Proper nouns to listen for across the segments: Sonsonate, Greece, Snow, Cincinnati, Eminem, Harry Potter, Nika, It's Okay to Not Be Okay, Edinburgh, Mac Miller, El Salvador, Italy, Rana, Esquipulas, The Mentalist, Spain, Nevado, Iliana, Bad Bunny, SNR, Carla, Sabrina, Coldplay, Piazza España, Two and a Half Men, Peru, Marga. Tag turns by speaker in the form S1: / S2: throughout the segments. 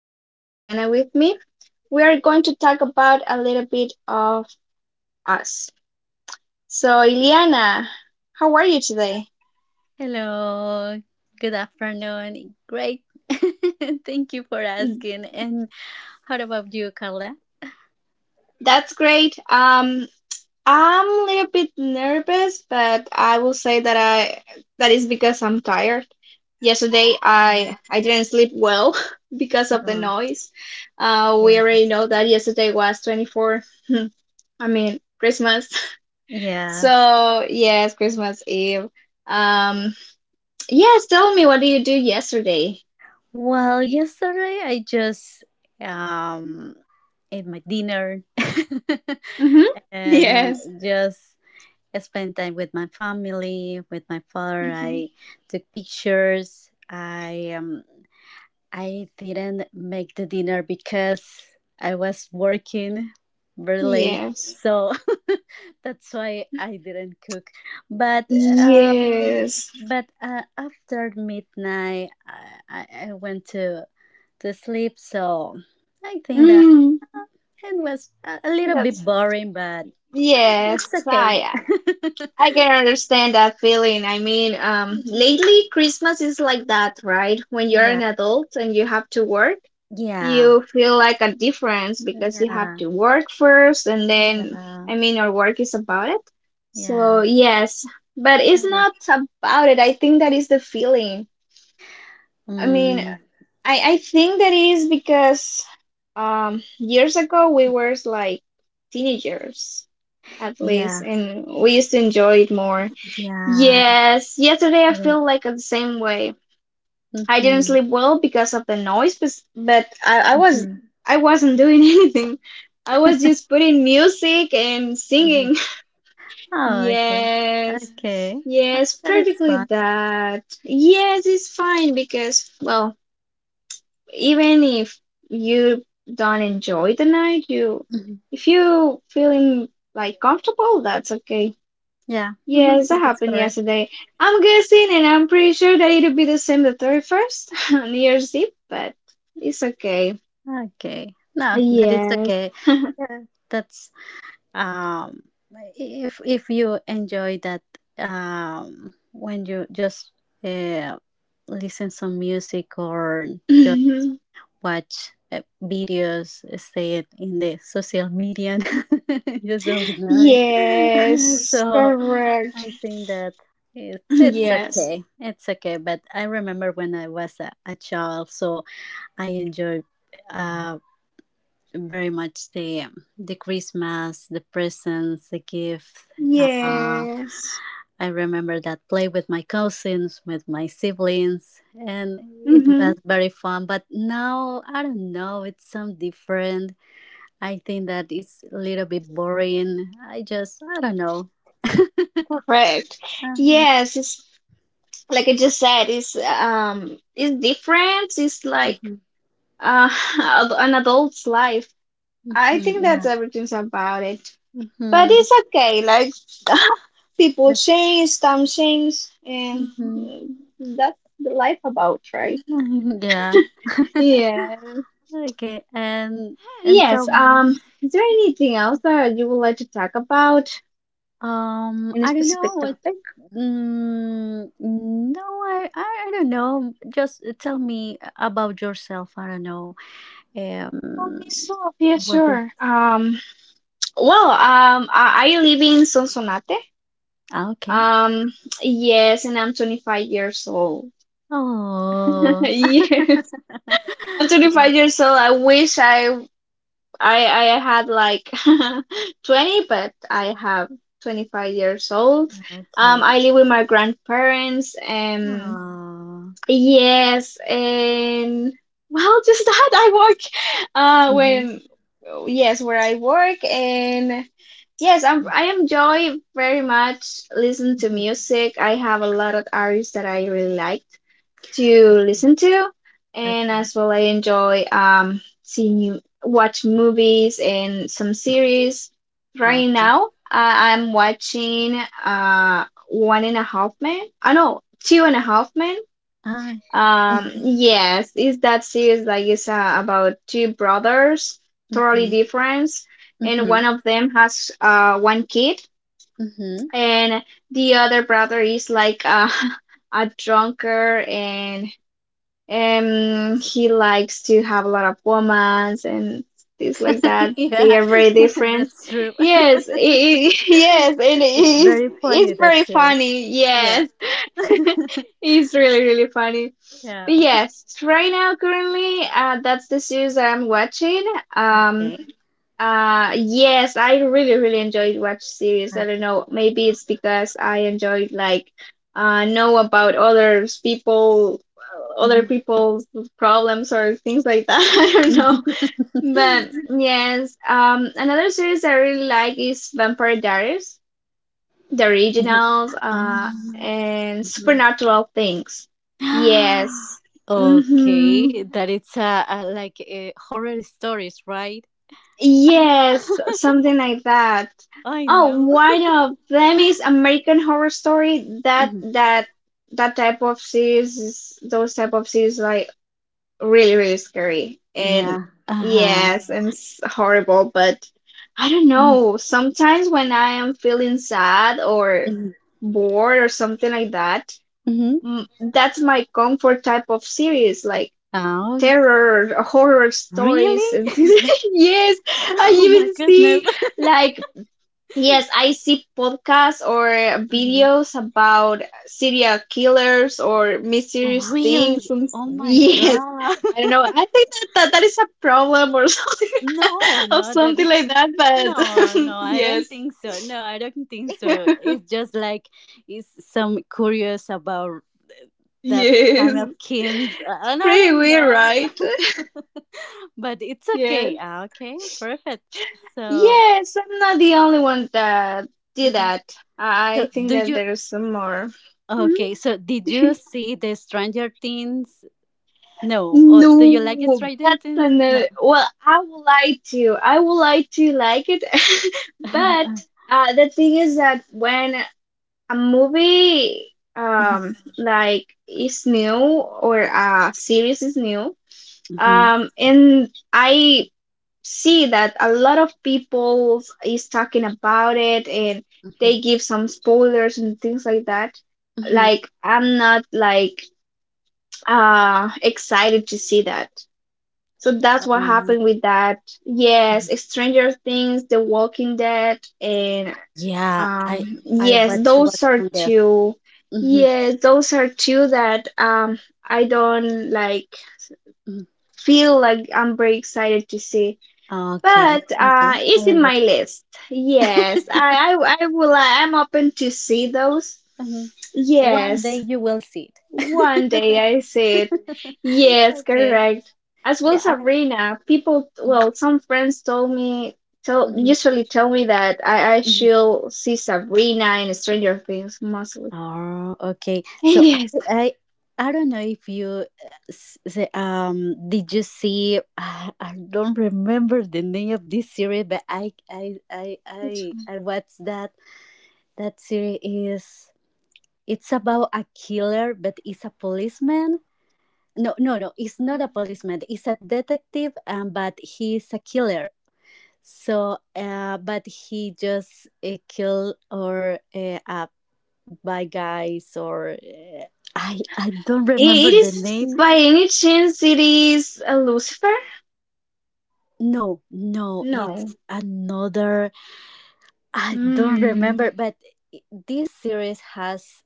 S1: I have Iliana with me. We are going to talk about a little bit of us. So, Iliana, how are you today?
S2: Hello, good afternoon. Great. Thank you for
S1: Mm,
S2: asking. And how about you, Carla?
S1: That's great. I'm a little bit nervous, but I will say that I that is because I'm tired. Yesterday,
S2: Uh,
S1: I didn't sleep well because of the
S2: oh,
S1: noise. We
S2: yeah.
S1: already know that yesterday was 24. I mean, Christmas.
S2: Yeah.
S1: So, yes, Christmas Eve. Um, yes, tell me, what did you do yesterday?
S2: Well, yesterday I just um ate my dinner
S1: Mm-hmm.
S2: and
S1: Yes.
S2: just spent time with my family, with my father.
S1: Mm-hmm.
S2: I took pictures. I didn't make the dinner because I was working very late,
S1: Yes.
S2: so that's why I didn't cook. But um,
S1: Yes.
S2: but after midnight, I went to sleep, so I think that
S1: Mm,
S2: uh, it was a little bit
S1: that's,
S2: boring, but
S1: yes.
S2: it's okay.
S1: I I can understand that feeling. I mean,
S2: Mhm.
S1: lately Christmas is like that, right? When you're
S2: Yeah,
S1: an adult and you have to work,
S2: yeah,
S1: you feel like a difference because you have
S2: yeah,
S1: to work first and then I mean your work is about it,
S2: yeah, yeah.
S1: so yes, but it's not about it. I think that is the feeling. I mean,
S2: Mm.
S1: I think that is because years ago we were like teenagers at least
S2: Yeah,
S1: and we used to enjoy it more.
S2: yeah.
S1: Yes, yesterday I feel like the same way. I didn't
S2: Mm-hmm.
S1: sleep well because of the noise, but I, I was
S2: Mm-hmm.
S1: I wasn't doing anything. I was just putting music and
S2: Mm-hmm.
S1: singing.
S2: Oh, okay.
S1: Yes.
S2: Okay.
S1: Yes,
S2: That is
S1: practically
S2: fun.
S1: that. Yes, it's fine because, well, even if you don't enjoy the night, you
S2: Mhm.
S1: if you feeling like comfortable, that's okay.
S2: Yeah. Mhm.
S1: Yes, that
S2: That is
S1: happened
S2: correct.
S1: yesterday. I'm guessing, and I'm pretty sure that it'll be the same the 31st, New Year's Eve, but it's okay.
S2: Okay. No, that is
S1: Yes.
S2: okay. Yeah, that's um if you enjoy that when you just uh, listen some music or just watch videos, say it in the social media, yourself deny.
S1: Yes,
S2: So
S1: correct.
S2: I think that it's
S1: Yes.
S2: okay, it's okay. But I remember when I was a child, so I enjoyed uh, very much the Christmas, the presents, the gift. Uh,
S1: Yes.
S2: I remember that play with my cousins, with my siblings, and it
S1: Mm-hmm.
S2: was very fun. But now, I don't know, it's some different. I think that it's a little bit boring. I just, I don't know.
S1: Correct.
S2: Uh-huh,
S1: Yes, it's like I just said, it's different. It's like
S2: mhm,
S1: uh an adult's life. I think
S2: mhm,
S1: that's
S2: yeah.
S1: everything's about it. But
S2: Mhm,
S1: it's okay, like people
S2: the-
S1: change, time change, and
S2: mhm.
S1: mm, that's the life about, right?
S2: Yeah.
S1: Yeah.
S2: Okay, and
S1: Yes.
S2: tell me.
S1: Is there anything else that you would like to talk about? Any
S2: I don't know
S1: specific
S2: what.
S1: topic?
S2: Mm, no, I don't know. Just tell me about yourself. I don't know.
S1: For
S2: Um,
S1: myself, yeah,
S2: what?
S1: sure. Well, I live in Sonsonate.
S2: Okay.
S1: Um. Yes, and I'm 25 years old.
S2: Oh.
S1: Yes. I'm 25
S2: Oh.
S1: years old. I wish I I had like 20, but I have 25 years old.
S2: Okay.
S1: I live with my grandparents. Um,
S2: Oh.
S1: yes, and, well, just that I work.
S2: Mm-hmm.
S1: When yes, where I work, and yes, I enjoy very much listen to
S2: Mm-hmm.
S1: music. I have a lot of artists that I really like to listen to, and
S2: Okay.
S1: as well I enjoy seeing you watch movies and some series. Right
S2: Okay.
S1: now, I'm watching One and a Half Men. I know Two and a Half Men.
S2: Ah.
S1: Um,
S2: Mm-hmm.
S1: yes, it's that series like it's about two brothers, totally different, and one
S2: Mm-hmm.
S1: of them has one kid,
S2: Mm-hmm.
S1: and the other brother is like a drunkard, and he likes to have a lot of romance and things like that. They
S2: Yeah,
S1: are very different.
S2: that's true.
S1: Yes, I yes, and
S2: It's
S1: it's
S2: very
S1: it's
S2: funny that
S1: very
S2: series.
S1: funny.
S2: Yeah.
S1: Yes, it's really, really funny.
S2: Yeah.
S1: But yes, right now currently, that's the series that I'm watching. Um,
S2: Okay.
S1: yes, I really, really enjoyed watch series. I don't
S2: Okay.
S1: know, maybe it's because I enjoyed, like, know about others people, other
S2: Mhm.
S1: people's problems or things like that. I don't know, but yes. Another series I really like is Vampire Diaries, the originals,
S2: um,
S1: and
S2: mhm.
S1: supernatural things. Yes. Mm-hmm.
S2: Okay, that it's like horror stories, right?
S1: Yes, something like that.
S2: I
S1: Oh,
S2: know.
S1: one of them is American Horror Story. That
S2: Mhm.
S1: that that type of series, those type of series, like really, really scary, and
S2: Yeah. Uh huh.
S1: yes, and horrible. But I don't know. Sometimes when I am feeling sad or bored or something like that,
S2: Mm-hmm.
S1: mm, that's my comfort type of series. Like
S2: Oh,
S1: terror horror stories
S2: really?
S1: and things. Yes, I
S2: Oh my
S1: even
S2: goodness.
S1: see, like, yes, I see podcasts or videos about serial killers or mysterious
S2: Really?
S1: things, and
S2: Oh my
S1: yes,
S2: god.
S1: I don't know, I think that that is a problem or something,
S2: No,
S1: or
S2: no, that
S1: something
S2: is
S1: like that, but
S2: no, no, I don't
S1: yes,
S2: think so. No, I don't think so. It's just like it's some curious about uh, that time
S1: yes,
S2: of kings and I
S1: pretty
S2: don't
S1: weird,
S2: know.
S1: right?
S2: But it's okay.
S1: Yes.
S2: Okay, perfect. So,
S1: Yes, I'm not the only one that did
S2: mhm.
S1: that.
S2: so
S1: I think
S2: do
S1: that
S2: you
S1: there's some more.
S2: okay, so did you
S1: Mhm.
S2: see the Stranger Things? No. Or do you like
S1: No,
S2: Stranger
S1: that's
S2: Things?
S1: an
S2: No.
S1: well, I would like to. I would like to like it. But the thing is that when a movie
S2: Mhm.
S1: like is new or a series is new,
S2: Mhm.
S1: and I see that a lot of people is talking about it and
S2: Mhm.
S1: they give some spoilers and things like that.
S2: Mhm.
S1: Like, I'm not like excited to see that. So that's what
S2: Um,
S1: happened with that.
S2: mhm.
S1: Yes, Stranger Things, The Walking Dead, and
S2: Yeah, I
S1: um
S2: I
S1: yes,
S2: want to work
S1: those are
S2: on this.
S1: two.
S2: Mm-hmm.
S1: Yes, those are two that I don't like
S2: Mm-hmm.
S1: feel like I'm very excited to see.
S2: Okay,
S1: But
S2: okay, I
S1: it's in my
S2: understand.
S1: list. Yes, I, I, I will. I'm open to see those.
S2: Mhm. One
S1: Yes,
S2: day you will see
S1: one day
S2: it.
S1: I see it. Yes,
S2: Okay.
S1: correct. As well,
S2: Yeah.
S1: Sabrina. People,
S2: Mhm,
S1: well, some friends told me, tell
S2: mhm,
S1: usually tell me that I
S2: mhm.
S1: should see Sabrina in Stranger Things mostly.
S2: Oh, okay.
S1: And
S2: So
S1: Yes,
S2: I, I, I don't know if you, did you see? I don't remember the name of this series, but I, I, I,
S1: which
S2: I,
S1: one?
S2: I watched that. That series is. It's about a killer, but it's a policeman. No, no, no. It's not a policeman. It's a detective, but he's a killer. So, but he just kill or by guys or I don't
S1: It
S2: remember the
S1: is,
S2: name.
S1: by any chance, it is a Lucifer?
S2: No, no.
S1: No.
S2: It's another. I don't
S1: Hmm.
S2: remember. But this series has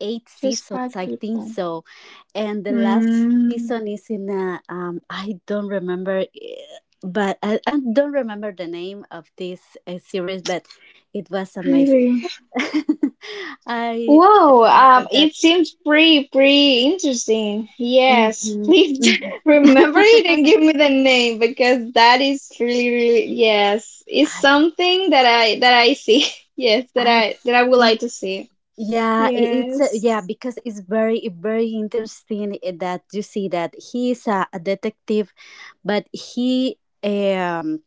S2: eight
S1: Just
S2: seasons,
S1: bad
S2: I think
S1: people.
S2: so. And the last
S1: Mm,
S2: season is in a, I don't remember, but I don't remember the name of this series, but it was amazing.
S1: really?
S2: I, I
S1: Wow,
S2: remember
S1: it
S2: that.
S1: seems pretty, pretty interesting.
S2: Hmm
S1: Yes, please,
S2: hmm
S1: remember it and give me the name, because that is really, really, yes, it's
S2: I,
S1: something that I see. Yes, that
S2: I
S1: I that I would
S2: don't.
S1: like to see.
S2: Yeah, it's
S1: Yes.
S2: yeah, because it's very very interesting that you see that he is a detective, but he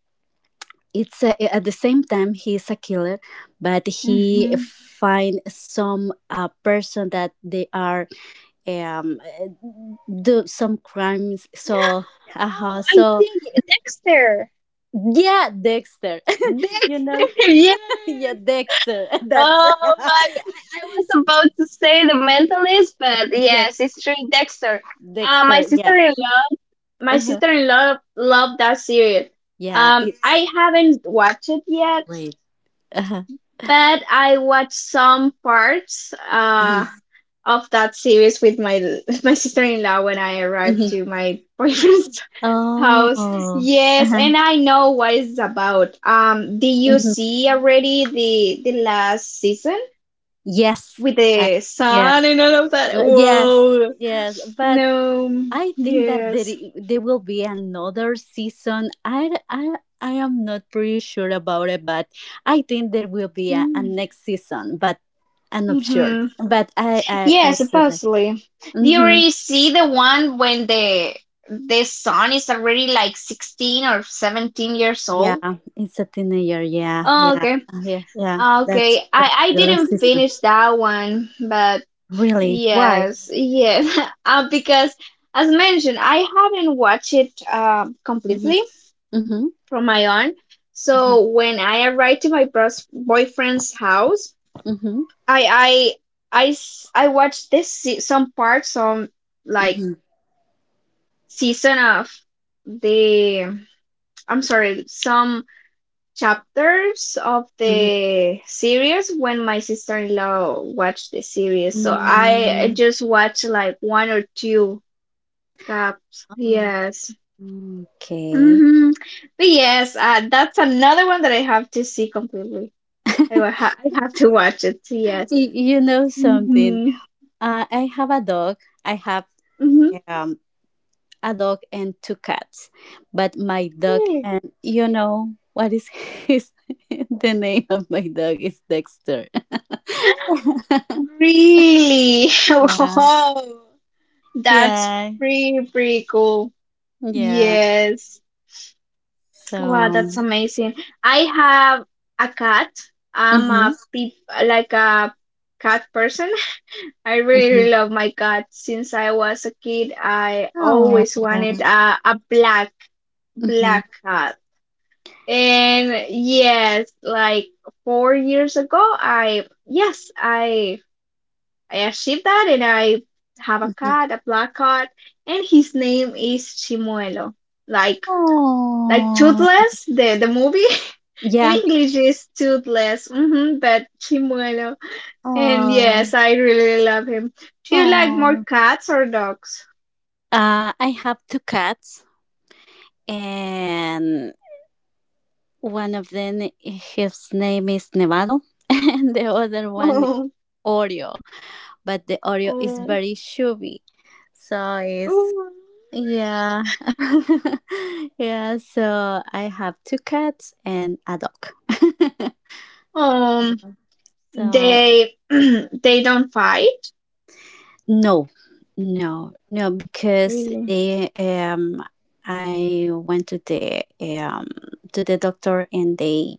S2: it's a, at the same time he's a killer but he
S1: Mm-hmm.
S2: find some person that they are um do some crimes, so
S1: Oh,
S2: uh-huh,
S1: I
S2: so
S1: see. Dexter.
S2: yeah, Dexter. you
S1: Dexter,
S2: know
S1: yes,
S2: yeah, Dexter. That's
S1: oh my! I was about to say The Mentalist, but
S2: yeah,
S1: yes, it's true, Dexter. Uh, my
S2: Dexter, yeah.
S1: sister-in-law, my
S2: Uh-huh.
S1: sister-in-law loved that series.
S2: Yeah,
S1: I
S2: it's
S1: haven't watched it yet,
S2: late. Uh-huh.
S1: but I watched some parts
S2: Mhm.
S1: of that series with my my sister-in-law when I arrived
S2: Mhm.
S1: to my boyfriend's
S2: Oh.
S1: house. Yes,
S2: Uh-huh.
S1: and I know what it's about. Did you
S2: Mhm.
S1: see already the last season
S2: Yes
S1: with
S2: I,
S1: the
S2: yeah.
S1: sun and all of that?
S2: Yes,
S1: Whoa.
S2: yes, but
S1: No.
S2: I think that there
S1: Yes.
S2: i- there will be another season. I am not pretty sure about it, but I think there will be a next season. But I'm not sure.
S1: Mm-hmm.
S2: But I
S1: Yeah,
S2: said that.
S1: supposedly. Do you
S2: Mm-hmm.
S1: already see the one when the son is already like 16 or 17 years old?
S2: Yeah, it's a teenager. Yeah,
S1: Oh,
S2: yeah,
S1: okay.
S2: yeah, yeah.
S1: Ah, Okay. I
S2: That's
S1: I
S2: the last
S1: didn't
S2: season.
S1: finish that one, but
S2: Really? Why?
S1: yes, yes. Because, as mentioned, I haven't watched it
S2: Mm-hmm.
S1: completely
S2: Mm-hmm.
S1: from my aunt. So when I arrived to my boyfriend's house,
S2: Mm-hmm.
S1: I I watched some parts, some like
S2: Mm-hmm.
S1: season of the I'm sorry, some chapters of the series when my sister-in-law watched the series. So
S2: Mm-hmm.
S1: I
S2: Mm-hmm.
S1: just watched like one or two caps. Yes.
S2: Okay.
S1: Mm-hmm. But yes, that's another one that I have to see completely. I will ha I have to watch it. So, yes.
S2: You know something?
S1: Mm-hmm.
S2: I have a dog. I have
S1: Mm-hmm.
S2: um, a dog and two cats, but my dog, and you know what is his, the name of my dog is Dexter.
S1: Really?
S2: Yeah,
S1: Wow. That's
S2: yeah,
S1: pretty, pretty cool.
S2: yeah.
S1: Yes. Wow,
S2: So,
S1: that's amazing. I have a cat. I'm
S2: hmm
S1: a peep like a cat person. I really,
S2: hmm
S1: really love my cat. Since I was a kid, I
S2: oh,
S1: always wanted a black
S2: hmm
S1: black cat. And yes, like 4 years ago, I achieved that and I have a
S2: hmm
S1: cat, a black cat, and his name is Chimuelo. Like like
S2: oh,
S1: Toothless, the movie in
S2: yeah,
S1: English is Toothless, but Chimuelo. And
S2: oh,
S1: yes, I really, really love him. Do you like more
S2: oh.
S1: cats or dogs?
S2: I have two cats and one of them, his name is Nevado, and the other one Oreo. But the Oreo is
S1: Oh,
S2: very chubby, so it's
S1: oh,
S2: yeah, yeah. So I have two cats and a dog.
S1: oh.
S2: So
S1: They they don't fight.
S2: no, no, no, because
S1: Really?
S2: they I went to the doctor and they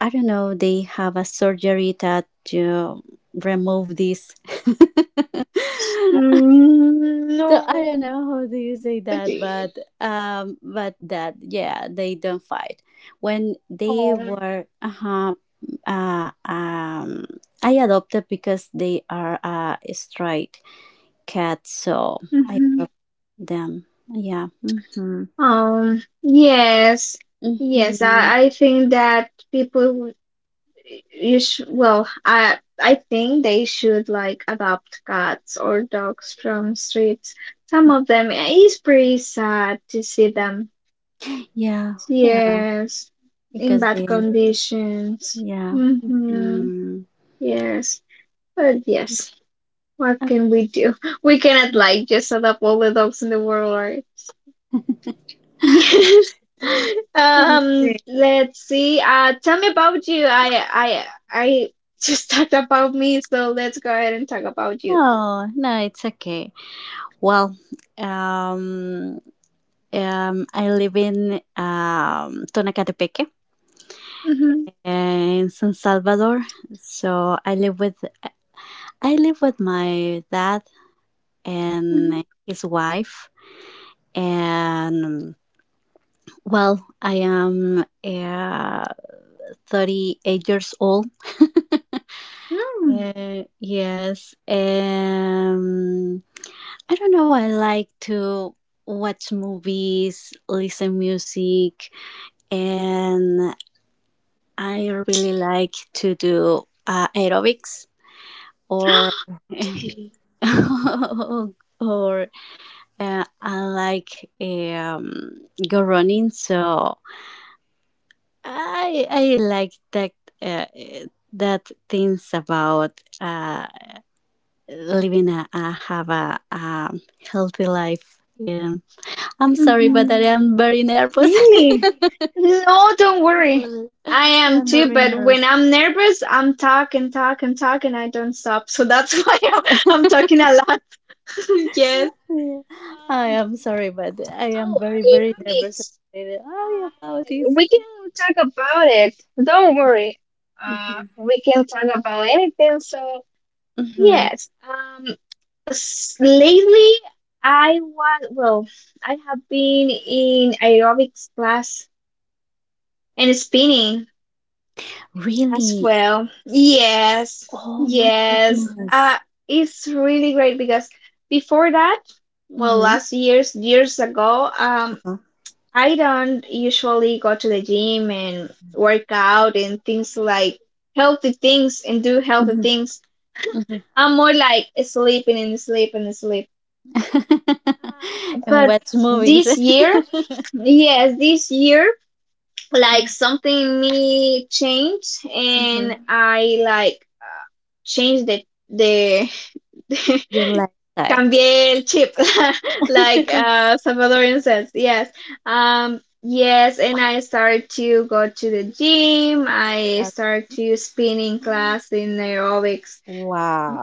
S2: I don't know, they have a surgery that uh, remove this. So I don't
S1: No,
S2: know how do you say
S1: but
S2: that, but that yeah, they don't fight. When they
S1: oh,
S2: were uh-huh, uh um, I adopted because they are a straight cat, so I
S1: mhm.
S2: adopt them. Yeah. Mm-hmm.
S1: Yes, yes.
S2: Mm-hmm.
S1: I think that people you should. Well, I think they should like adopt cats or dogs from streets. Some of them, it is pretty sad to see them.
S2: Yeah. Yeah.
S1: Yes, in
S2: Because
S1: bad
S2: they are.
S1: conditions.
S2: Yeah.
S1: Mm-hmm.
S2: Mm-hmm.
S1: Yes, but yes. What can we do? We cannot like just adopt all the dogs in the world, right? Yes.
S2: Okay.
S1: Let's see. Tell me about you. I just talked about me, so let's go ahead and talk about you.
S2: Oh, no, it's okay. Well, um, I live in Tonacatepeque
S1: Mm-hmm.
S2: in San Salvador. So I live with my dad and his wife. And well, I am 38 years old.
S1: Mm-hmm.
S2: Yes. I don't know. I like to watch movies, listen music, and I really like to do aerobics or or I like um, go running. So I like that uh, that things about living a have a healthy life. Yeah. I'm sorry, but I
S1: Mm-hmm.
S2: am very nervous.
S1: Really? No, don't worry.
S2: Sorry.
S1: I
S2: I
S1: am
S2: am
S1: too,
S2: very
S1: but when
S2: nervous.
S1: I'm nervous, I'm talking, talking, talking. I don't stop, so that's why I'm talking a lot. Yes.
S2: Yeah. I
S1: Um.
S2: am sorry, but I am
S1: Oh,
S2: very, very nervous,
S1: aerobics. Uh,
S2: oh, about this.
S1: we can talk about it. Don't worry.
S2: Hmm
S1: We can talk about anything. So
S2: hmm
S1: yes. Lately I was, well, I have been in aerobics class and spinning as
S2: Really?
S1: well. Yes,
S2: Oh my
S1: yes.
S2: goodness.
S1: Uh, it's really great because before that, well,
S2: Mm-hmm.
S1: last years ago,
S2: Uh-huh.
S1: I don't usually go to the gym and work out and things like healthy things and do healthy
S2: hmm
S1: things.
S2: hmm
S1: I'm more like sleeping and sleep and sleep.
S2: and
S1: But
S2: watch movies.
S1: this year, yes, this year, like
S2: Mm-hmm.
S1: something in me changed and I like changed the
S2: Your lifestyle.
S1: Cambié el chip, like Salvadorian says. Yes. Yes, and I started to go to the gym. I started to spinning
S2: Okay.
S1: class in aerobics.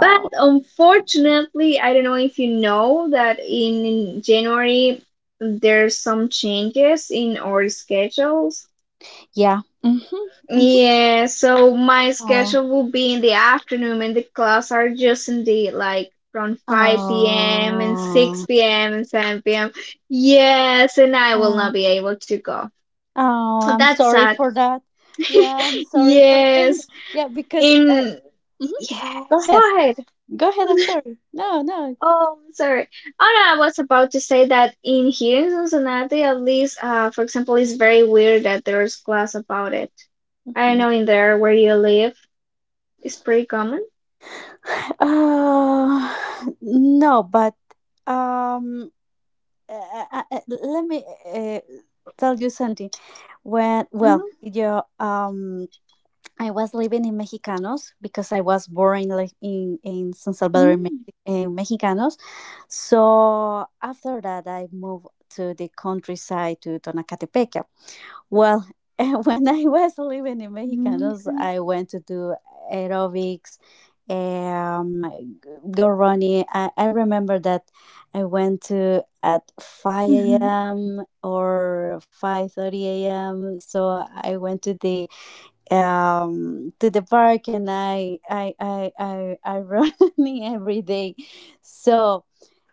S1: But unfortunately, I don't know if you know that in January there's some changes in our schedules.
S2: Yeah. Mm-hmm. Mm-hmm.
S1: Yeah, so my
S2: Oh.
S1: schedule will be in the afternoon and the class are just in the, like, from 5 p.m. and 6 p.m. and 7 p.m. Yes, and I will
S2: Oh.
S1: not be able to go.
S2: Oh,
S1: So
S2: I'm
S1: that's
S2: sorry
S1: sad.
S2: for that. Yeah, I'm sorry for that.
S1: Yes.
S2: Yeah, because I,
S1: In
S2: Mhm. Go
S1: Yes,
S2: ahead,
S1: go ahead.
S2: go ahead. I'm sorry. No, no.
S1: Oh, sorry. Oh no, I was about to say that in here in Cincinnati, at least, for example, it's very weird that there's class about it. I don't
S2: Mhm.
S1: know in there where you live. It's pretty common.
S2: Uh, no, but um, uh, let me uh, tell you something. When well,
S1: Mhm.
S2: your I was living in Mexicanos because I was born in like, in, San Salvador in,
S1: Mm.
S2: In Mexicanos. So after that, I moved to the countryside to Tonacatepeque. Well, when I was living in
S1: Mm,
S2: Mexicanos,
S1: okay.
S2: I went to do aerobics, um, go running. I remember that I went to at 5
S1: Mhm.
S2: a.m. or 5:30 a.m. So I went to the park and I run every day, so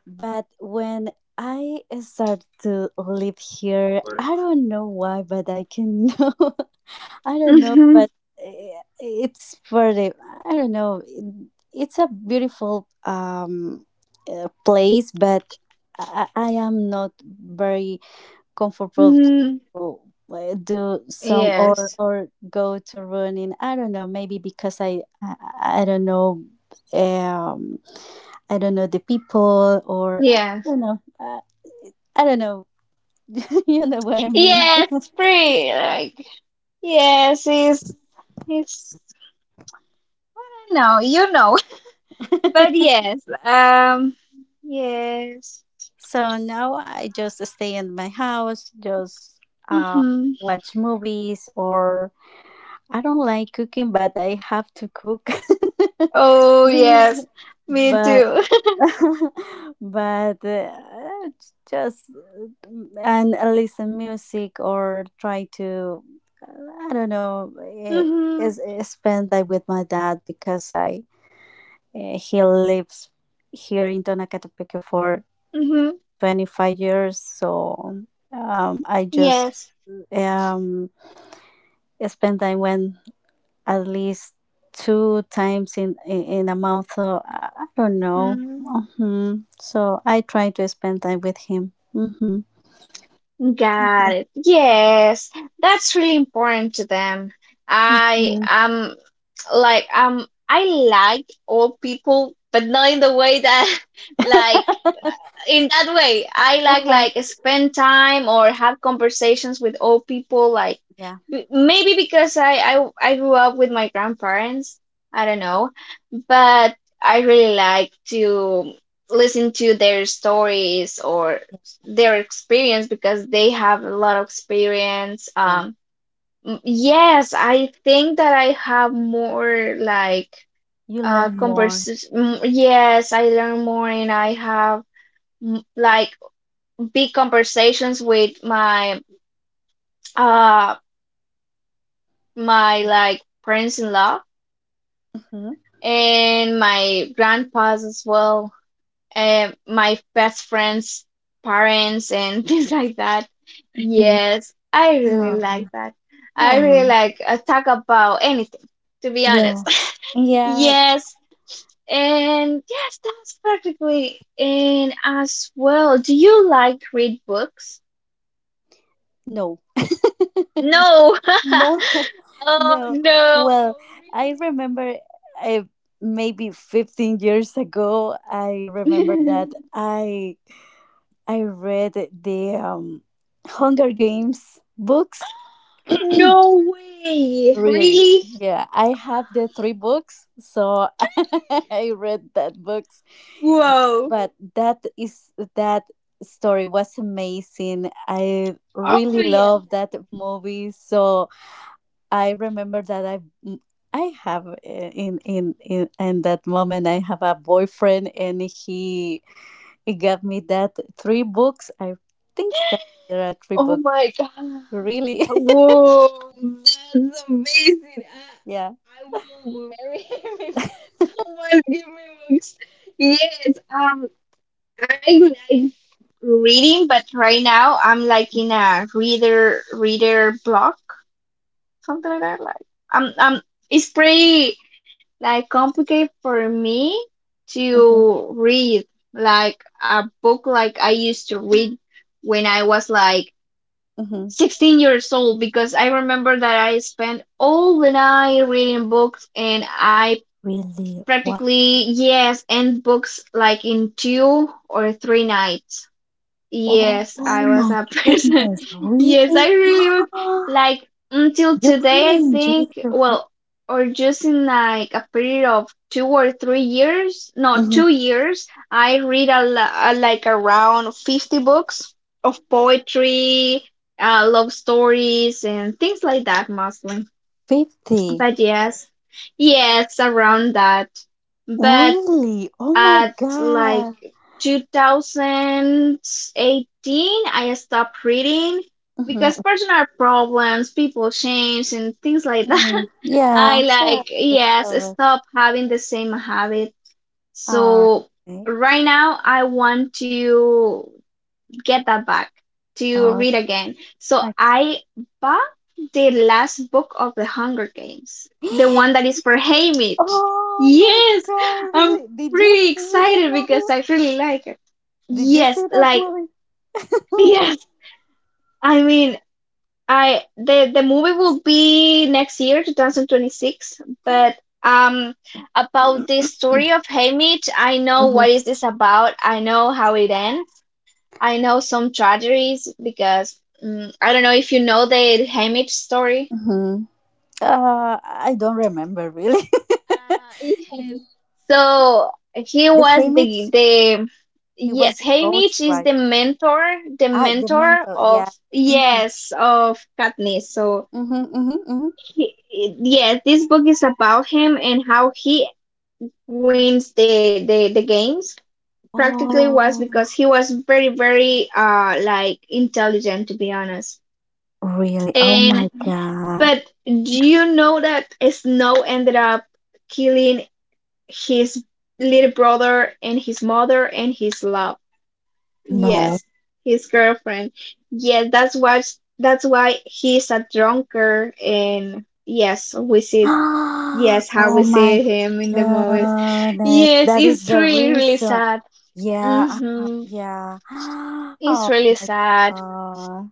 S2: but when I start to live here I don't know why, but I can know, I don't know,
S1: Mhm.
S2: but it's for the I don't know, it's a beautiful place, but I I am not very comfortable
S1: Mhm.
S2: to do some
S1: Yes.
S2: or go to running, I don't know, maybe because I don't know um I don't know the people or I
S1: Yes.
S2: don't know I don't know, you know what I mean?
S1: Yes, free. Like yes, he's I know. But yes. Yes.
S2: So now I just stay in my house, just um
S1: Mm-hmm.
S2: watch movies or I don't like cooking but I have to cook
S1: Oh yes. Me
S2: but
S1: too.
S2: but j- just and listen music or try to I don't know
S1: Mm-hmm.
S2: is spend time with my dad because I he lives here in Tonacatepec for
S1: Mm-hmm.
S2: 25 years, so I just
S1: Yes.
S2: um, spend time when at least two times in a month. So I don't know.
S1: Mm-hmm.
S2: Hmm So I try to spend time with him. Mm-hmm.
S1: Got it. Yes, that's really important to them. I
S2: Mm.
S1: um I like old people, but not in the way that like in that way I like
S2: Uh-huh.
S1: like spend time or have conversations with old people like
S2: Yeah,
S1: maybe because I grew up with my grandparents. I don't know, but I really like to listen to their stories or their experience because they have a lot of experience.
S2: yeah.
S1: Yes, I think that I have more like
S2: You learn more.
S1: conversation. Yes, I learn more and I have like big conversations with uh my like parents in law
S2: Mm-hmm.
S1: and my grandpas as well and my best friends parents and things like that.
S2: Mm-hmm.
S1: Yes, I really
S2: Oh.
S1: like that. I really
S2: Oh.
S1: like talk about anything, to be
S2: Yeah.
S1: honest.
S2: Yeah.
S1: Yes, and yes, that's practically. And as well, do you like read books?
S2: No.
S1: No.
S2: No.
S1: Oh
S2: No.
S1: no.
S2: Well, I remember. I maybe 15 years ago I remember
S1: Really?
S2: that i I read the Hunger Games books.
S1: No way.
S2: Really?
S1: Really?
S2: Yeah, I have the three books, so I read that books.
S1: Whoa.
S2: But that is that story was amazing. I
S1: Oh
S2: really
S1: yes.
S2: love that movie. So I remember that I have in that moment I have a boyfriend and he gave me that three books. I think that there are three
S1: Oh
S2: books.
S1: my God.
S2: Really?
S1: Whoa. That's amazing.
S2: Yeah.
S1: I will marry him if someone give me books. Yes. I like reading, but right now I'm like in a reader block. Something like that. Um um, it's pretty like complicated for me
S2: hmm
S1: to read like a book like I used to read when I was like
S2: hmm
S1: 16 years old because I remember that I spent all the night reading books and I
S2: Really? Wow.
S1: practically, yes, end books like in 2 or 3 nights.
S2: Oh
S1: Yes, I was
S2: my
S1: a person.
S2: goodness.
S1: Yes,
S2: Really?
S1: I really would like until
S2: You
S1: today, I
S2: really enjoyed
S1: think,
S2: your week?
S1: well, or just in like a period of 2 or 3 years, no,
S2: Hmm
S1: 2 years, I read a, lo- a like around 50 books of poetry, love stories, and things like that, mostly.
S2: 50.
S1: But yes, yes, around that. But
S2: Really? Oh my
S1: at like
S2: god.
S1: 2018, I stopped reading because
S2: Hmm
S1: personal problems, people change, and things like that.
S2: Yeah. Yeah,
S1: I
S2: so that's
S1: yes,
S2: correct.
S1: stop having the same habit.
S2: All
S1: So
S2: right.
S1: right now I want to get that back, to
S2: Oh,
S1: read again. So
S2: okay.
S1: I bought the last book of the Hunger Games, the one that is for Haymitch.
S2: Oh my
S1: Yes,
S2: god,
S1: I'm
S2: really? Did you
S1: pretty
S2: see the
S1: excited because
S2: movie?
S1: I really like it.
S2: Did you
S1: Yes,
S2: see that
S1: like
S2: movie? Oh my god.
S1: yes. I mean, I the movie will be next year, 2026, but um about the story of Haymitch, I know
S2: Mm-hmm.
S1: what is this about. I know how it ends. I know some tragedies because I don't know if you know the Haymitch story.
S2: I don't remember really.
S1: Uh, yes.
S2: The
S1: So he was
S2: famous,
S1: the
S2: he was
S1: yes,
S2: the
S1: Haymitch
S2: coach,
S1: is
S2: right?
S1: the
S2: Ah, the
S1: mentor
S2: mentor,
S1: of
S2: yeah. Mm-hmm,
S1: yes, of Katniss. So
S2: mm-hmm, mm-hmm, mm-hmm.
S1: he, yes, this book is about him and how he wins the games. Practically was because
S2: Oh,
S1: he was very very like intelligent, to be honest.
S2: really? Oh
S1: And
S2: my God.
S1: But do you know that Snow ended up killing his little brother and his mother and his love?
S2: No.
S1: Yes, his girlfriend. Yeah, that's why he's a drunkard, and yes,
S2: Oh
S1: we
S2: my
S1: see him in the movies.
S2: God. That
S1: Yes,
S2: that is
S1: it's
S2: the
S1: really really
S2: reason.
S1: sad.
S2: Yeah.
S1: Mhm.
S2: Yeah.
S1: It's
S2: Oh
S1: really
S2: my
S1: sad.
S2: God.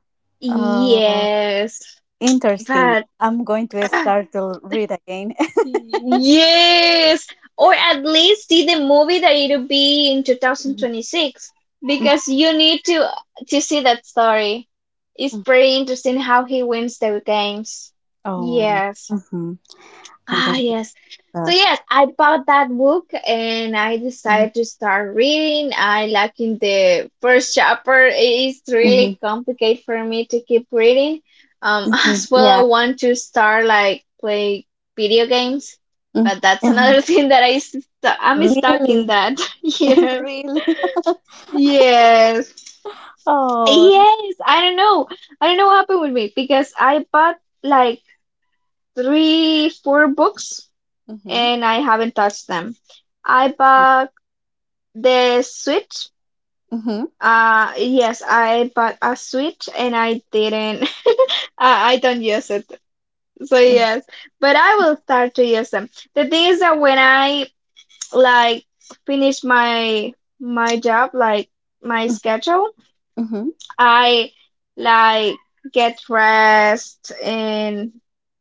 S2: Oh,
S1: Yes.
S2: interesting.
S1: But
S2: I'm going to
S1: ah,
S2: start to read again.
S1: yes, or at least see the movie that it'll be in
S2: Mhm,
S1: 2026,
S2: mhm.
S1: because you need to see that story. It's pretty interesting how he wins the games.
S2: Oh,
S1: Yes.
S2: mhm. I got
S1: Ah,
S2: that
S1: yes. So
S2: stuff.
S1: yes, I bought that book and I
S2: Mhm,
S1: decided to start reading. I in the first chapter, it is
S2: mhm,
S1: really complicated for me to keep reading.
S2: mhm.
S1: As well,
S2: Yeah.
S1: I want to start like play video games,
S2: Mm,
S1: but that's another
S2: mhm.
S1: thing that I'm stuck in
S2: Really?
S1: that. Yes.
S2: Really?
S1: Yes.
S2: Oh.
S1: Yes, I don't know. I don't know what happened with me because I bought like three, four books
S2: Mm-hmm.
S1: and I haven't touched them. I bought the Switch.
S2: Mm-hmm.
S1: Yes, I bought a Switch and I didn't, I don't use it. So yes, but I will start to use them. The thing is that when I like finish my job, like my schedule,
S2: Mm-hmm.
S1: I like get rest and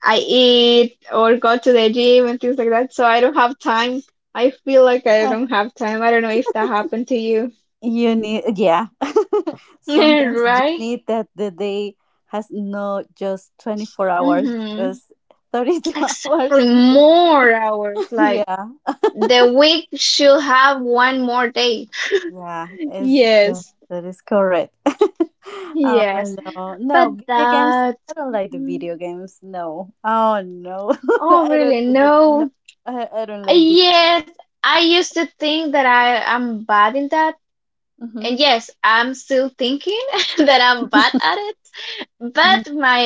S1: I eat or go to the gym and things like that. So I don't have time. I feel like I don't have time. I don't know if that happened to you.
S2: You need, yeah. Sometimes you
S1: Right?
S2: need that the day has no just 24 hours,
S1: Mm-hmm.
S2: just 32 hours.
S1: Exactly. More
S2: Maybe.
S1: hours. Like
S2: Yeah.
S1: the week should have one more day.
S2: Yeah, is yeah,
S1: Yes.
S2: that is correct. Oh
S1: Yes.
S2: no,
S1: But
S2: no video games.
S1: that.
S2: I don't like the
S1: mm,
S2: video games. No. Oh no,
S1: Oh,
S2: I don't
S1: really?
S2: like the no.
S1: No.
S2: I don't like the.
S1: Yes. I used to think that I am bad in that, and
S2: Mhm.
S1: yes, I'm still thinking that I'm bad at it, but
S2: Mhm.
S1: my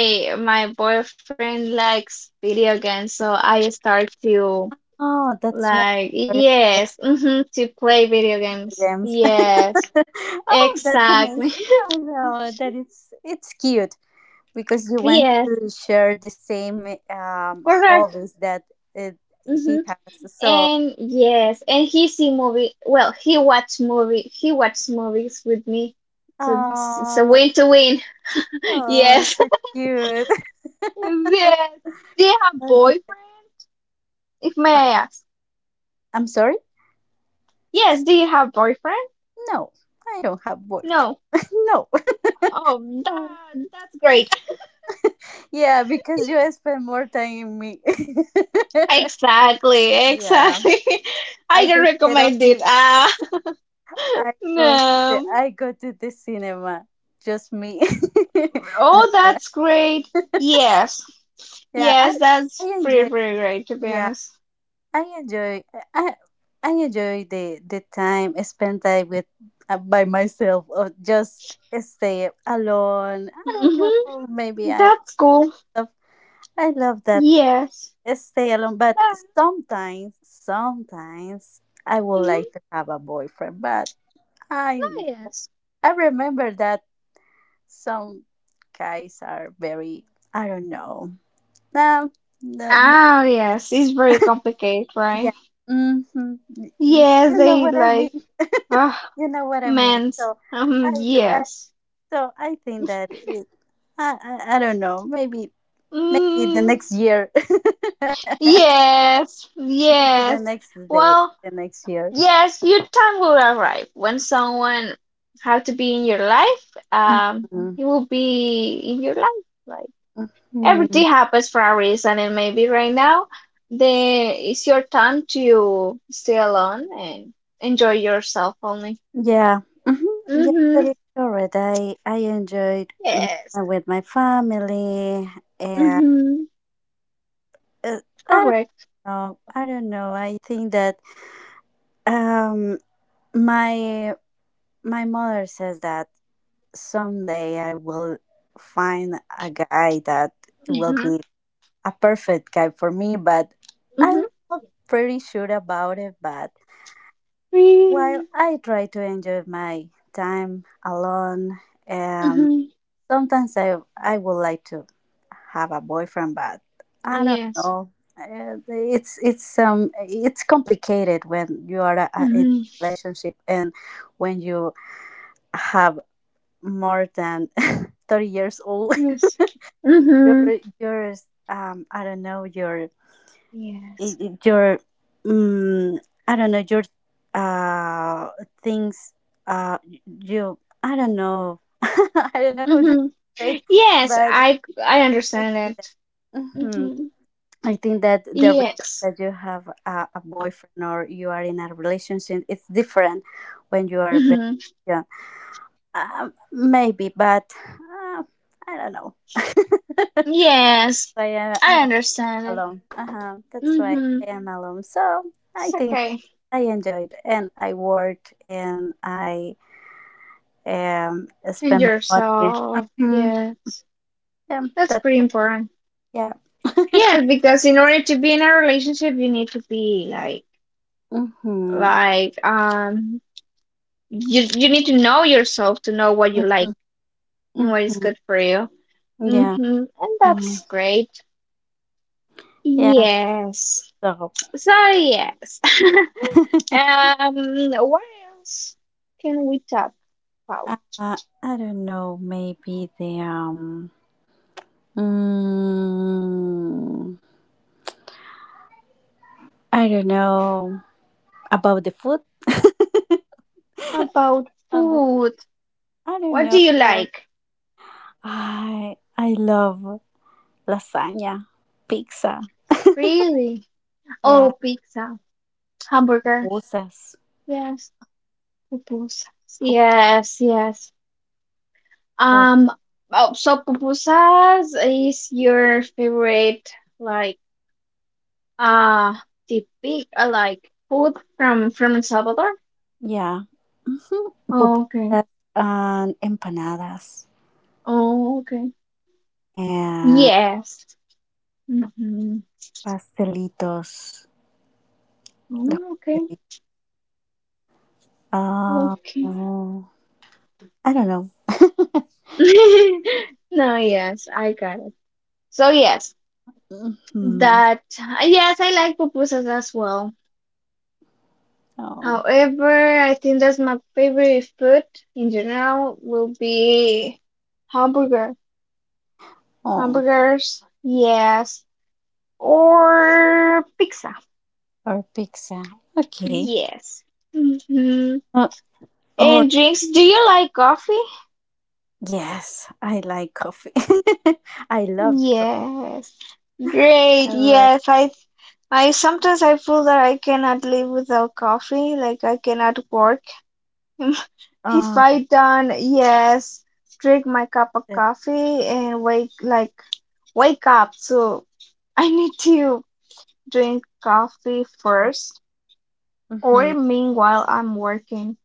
S1: my boyfriend likes video games, so I start to
S2: Oh, that's why
S1: like
S2: you're
S1: yes,
S2: referring
S1: to play video
S2: to
S1: games.
S2: games.
S1: Yes,
S2: Oh, that's
S1: exactly.
S2: amazing. Oh no, that is it's cute because you want
S1: Yes,
S2: to share the same
S1: correct.
S2: hobbies that it, he
S1: hmm
S2: has. So,
S1: And yes, and he see movie. Well, he watch movie. He watch movies with me, so it's a
S2: oh,
S1: win to win.
S2: oh,
S1: Yes,
S2: it's so cute.
S1: yes. Do you have boyfriend? If may
S2: Uh,
S1: I ask?
S2: I'm sorry?
S1: Yes, do you have boyfriend?
S2: No, I don't have boyfriend.
S1: No.
S2: No,
S1: Oh, that
S2: no.
S1: that's great.
S2: Yeah, because you spend more time in me.
S1: Exactly,
S2: Yeah,
S1: exactly. I
S2: I
S1: don't
S2: take care of
S1: recommend it.
S2: me.
S1: Ah,
S2: I go to the
S1: no.
S2: I go to the cinema. Just me. No,
S1: Oh,
S2: but
S1: that's great. Yes,
S2: yeah, I
S1: yes,
S2: I
S1: that's pretty,
S2: enjoy.
S1: pretty great, to be
S2: Yeah.
S1: honest.
S2: I enjoy I I enjoy the time spent time with by myself or just stay alone. I don't know.
S1: Mm-hmm.
S2: Maybe
S1: That's
S2: I
S1: cool.
S2: love I love that
S1: Yes.
S2: stay alone. But
S1: That,
S2: sometimes I would
S1: mhm.
S2: like to have a boyfriend. But I
S1: Oh, yes.
S2: I remember that some guys are very I don't know. No, no, no
S1: Ah, yes. It's very complicated, right?
S2: yeah. Mm-hmm. You
S1: Yes,
S2: know
S1: they
S2: what I
S1: like.
S2: mean.
S1: Ah,
S2: You know what I mean?
S1: men's,
S2: So I, th- I
S1: yes.
S2: I think that it, I don't know. Maybe the
S1: Mm,
S2: next year.
S1: yes,
S2: Maybe the
S1: yes.
S2: next day,
S1: Well,
S2: the next year.
S1: yes, your time will arrive when someone have to be in your life.
S2: Mhm.
S1: It will be in your life. Like
S2: Mhm.
S1: everything happens for a reason, and maybe right now, the it's your time to stay alone and enjoy yourself only.
S2: Yeah. Hmm. Yeah,
S1: Mm-hmm.
S2: that is correct. I enjoyed my
S1: Yes.
S2: time with my family and
S1: Mm-hmm.
S2: uh, I don't
S1: Correct.
S2: know. I don't know. I think that um my my mother says that someday I will find a guy that will
S1: Mm-hmm.
S2: be a perfect guy for me, but I'm not pretty sure about it. But while
S1: Mm-hmm.
S2: I try to enjoy my time alone, um,
S1: Mm-hmm.
S2: sometimes I would like to have a boyfriend, but I don't
S1: Yes.
S2: know. It's complicated when you are in a
S1: Mhm.
S2: relationship and when you have more than 30 years old
S1: Yes.
S2: your
S1: Mhm.
S2: your I don't know your
S1: Yes.
S2: your um I don't know your uh things you I don't know I don't know what to
S1: Mhm.
S2: say
S1: Yes,
S2: but
S1: I
S2: I think
S1: understand
S2: that,
S1: it.
S2: mhm,
S1: Mhm.
S2: I think that the reason
S1: Yes.
S2: that you have a boyfriend or you are in a relationship it's different when you are very
S1: Mhm.
S2: young maybe but I don't know.
S1: Yes.
S2: I am
S1: I
S2: I
S1: understand it.
S2: alum. Uh-huh. That's why
S1: Mhm.
S2: I am alum. So I
S1: It's
S2: think
S1: okay.
S2: I enjoyed and I worked and I
S1: And
S2: spent my money.
S1: yourself.
S2: Mhm.
S1: Yes.
S2: Yeah,
S1: That's
S2: that's
S1: pretty
S2: why.
S1: important.
S2: Yeah.
S1: Yeah, because in order to be in a relationship, you need to be
S2: Mm-hmm.
S1: like um you need to know yourself to know what you
S2: Mm-hmm.
S1: like and what is
S2: Hmm.
S1: good for you.
S2: Yeah.
S1: Mm-hmm. And
S2: Mm.
S1: that's great.
S2: Yeah.
S1: Yes.
S2: So
S1: So yes. Um, what else can we talk about?
S2: I don't know. Mm, I don't know about the food.
S1: About
S2: about,
S1: food.
S2: I don't
S1: What do
S2: know.
S1: you like?
S2: I love lasagna, pizza,
S1: Really?
S2: yeah,
S1: Oh, pizza, hamburger.
S2: pupusas,
S1: Yes, pupusas.
S2: pupu,
S1: Yes, yes.
S2: oh,
S1: Um, oh, so pupusas is your favorite, like, uh, typical, like, food from El Salvador?
S2: yeah, mhm,
S1: Oh, okay.
S2: pupusas and empanadas
S1: Oh, okay.
S2: and
S1: Yes. Mm-hmm.
S2: pastelitos, los
S1: Oh, okay.
S2: pastelitos. Uh, oh, I don't know.
S1: Okay. No, yes, I got it. So yes,
S2: Hmm.
S1: that yes, I like pupusas as well.
S2: Oh,
S1: However, I think that's my favorite food in general will be hamburger.
S2: oh,
S1: Hamburgers, yes, or pizza.
S2: or pizza. Okay.
S1: Yes. Mm-hmm.
S2: Uh, or
S1: And drinks, do you like coffee?
S2: yes, I like coffee. I love coffee.
S1: Yes. Great.
S2: I like.
S1: Yes, I sometimes I feel that I cannot live without coffee, like I cannot work. If
S2: Oh,
S1: I don't, yes, drink my cup of
S2: that,
S1: coffee and wake up. So I need to drink coffee
S2: yeah.
S1: first
S2: Mm-hmm.
S1: or meanwhile I'm working.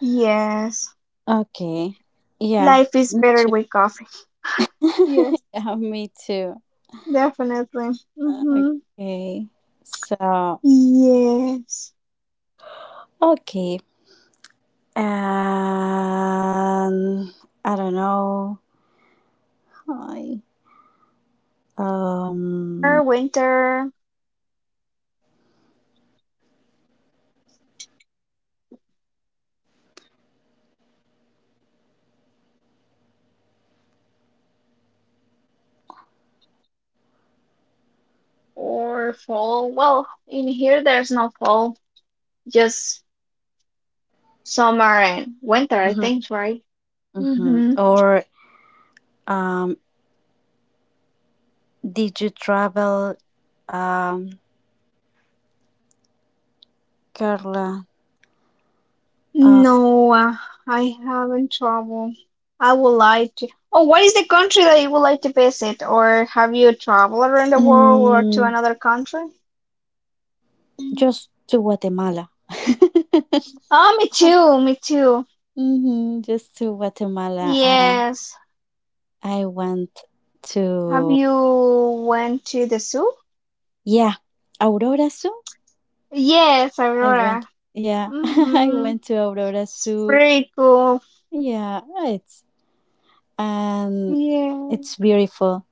S1: Yes.
S2: Okay. Yeah,
S1: Life is
S2: me
S1: better
S2: too.
S1: with coffee. Yes,
S2: Yeah, me too.
S1: definitely. Mm-hmm.
S2: Okay. So,
S1: Yes.
S2: okay.
S1: And yes, what else? Let's
S2: And I don't
S1: see.
S2: know.
S1: The weather. Do
S2: Hi.
S1: you like
S2: Um,
S1: summer, winter, or fall? Well, in here there's no fall, just summer and winter, I
S2: mhm,
S1: think, right?
S2: mhm.
S1: Mm-hmm.
S2: Or um, did you travel, um, Carla? Uh,
S1: No, I haven't traveled. I would like to. Oh, what is the country that you would like to visit, or have you traveled around the world or to
S2: mm,
S1: another country?
S2: just to Guatemala.
S1: Oh, me too, me too.
S2: Hmm, just to Guatemala.
S1: Yes.
S2: I went
S1: Have
S2: to.
S1: you went to the zoo?
S2: Yeah, Aurora Zoo.
S1: Yes,
S2: I
S1: Aurora.
S2: went. Yeah, I
S1: Mm-hmm.
S2: went to Aurora
S1: It's
S2: Zoo.
S1: pretty cool.
S2: Yeah, it's and
S1: Yeah.
S2: it's beautiful.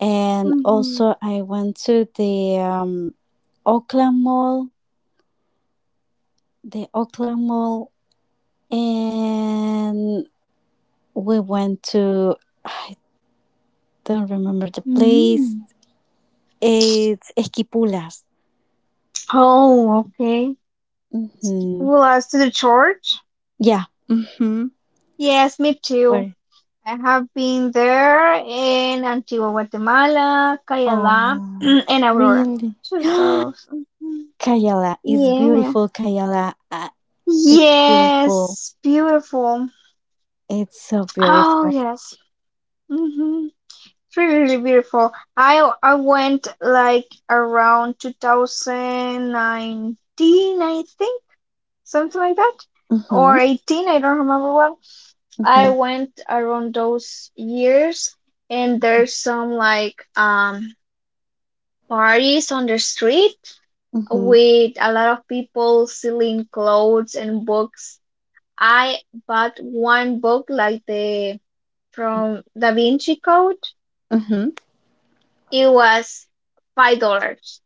S2: And
S1: Mm-hmm.
S2: also, I went to the Oakland Mall. The Oakland Mall, and we went to I don't remember the place.
S1: Mm-hmm.
S2: It's Esquipulas.
S1: Oh, okay.
S2: Hmm.
S1: Well, as to the church?
S2: Yeah. Hmm.
S1: Yes, me too.
S2: Where?
S1: I have been there in Antigua Guatemala, Cayala,
S2: Oh,
S1: and Aurora.
S2: really?
S1: So, so, mhm.
S2: Kayala is
S1: Yeah.
S2: beautiful. Kayala, it's beautiful.
S1: Yes, beautiful.
S2: It's so
S1: Oh,
S2: beautiful.
S1: yes. Mm-hmm. It's really really beautiful. I went like around 2019, I think, something like that,
S2: Mhm.
S1: or 18, I don't remember well. I
S2: Mhm.
S1: went around those years, and there's some parties on the street
S2: Mhm.
S1: with a lot of people selling clothes and books. I bought one book like the from Da Vinci Code.
S2: Mhm.
S1: It was $5,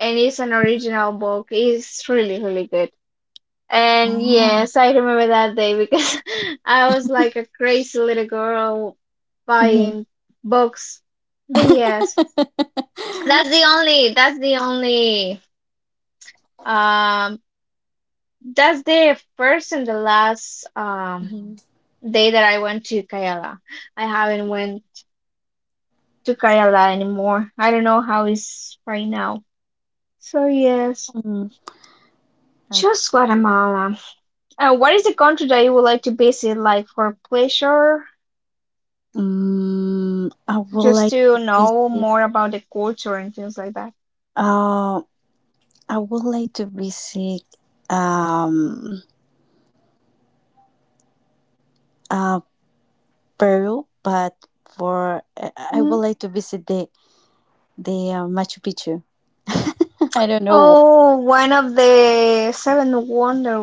S1: and it's an original book. It's really, really good. And
S2: Oh.
S1: yes, I remember that day because I was like a crazy little girl
S2: Mhm.
S1: buying books. But yes, that's the only. Um, that's the first and the last
S2: Mhm.
S1: day that I went to Kayala. I haven't went to Kayala anymore. I don't know how it's right now. So yes.
S2: Mm, okay.
S1: Just Guatemala. What is the country that you would like to visit, like for pleasure,
S2: Mm, I would
S1: just
S2: like
S1: to
S2: to be
S1: know
S2: sick.
S1: more about the culture and things like that?
S2: Uh, I would like to visit um uh Peru, but for I would
S1: Hmm?
S2: like to visit the Machu Picchu. I don't know.
S1: Oh, one of the seven wonder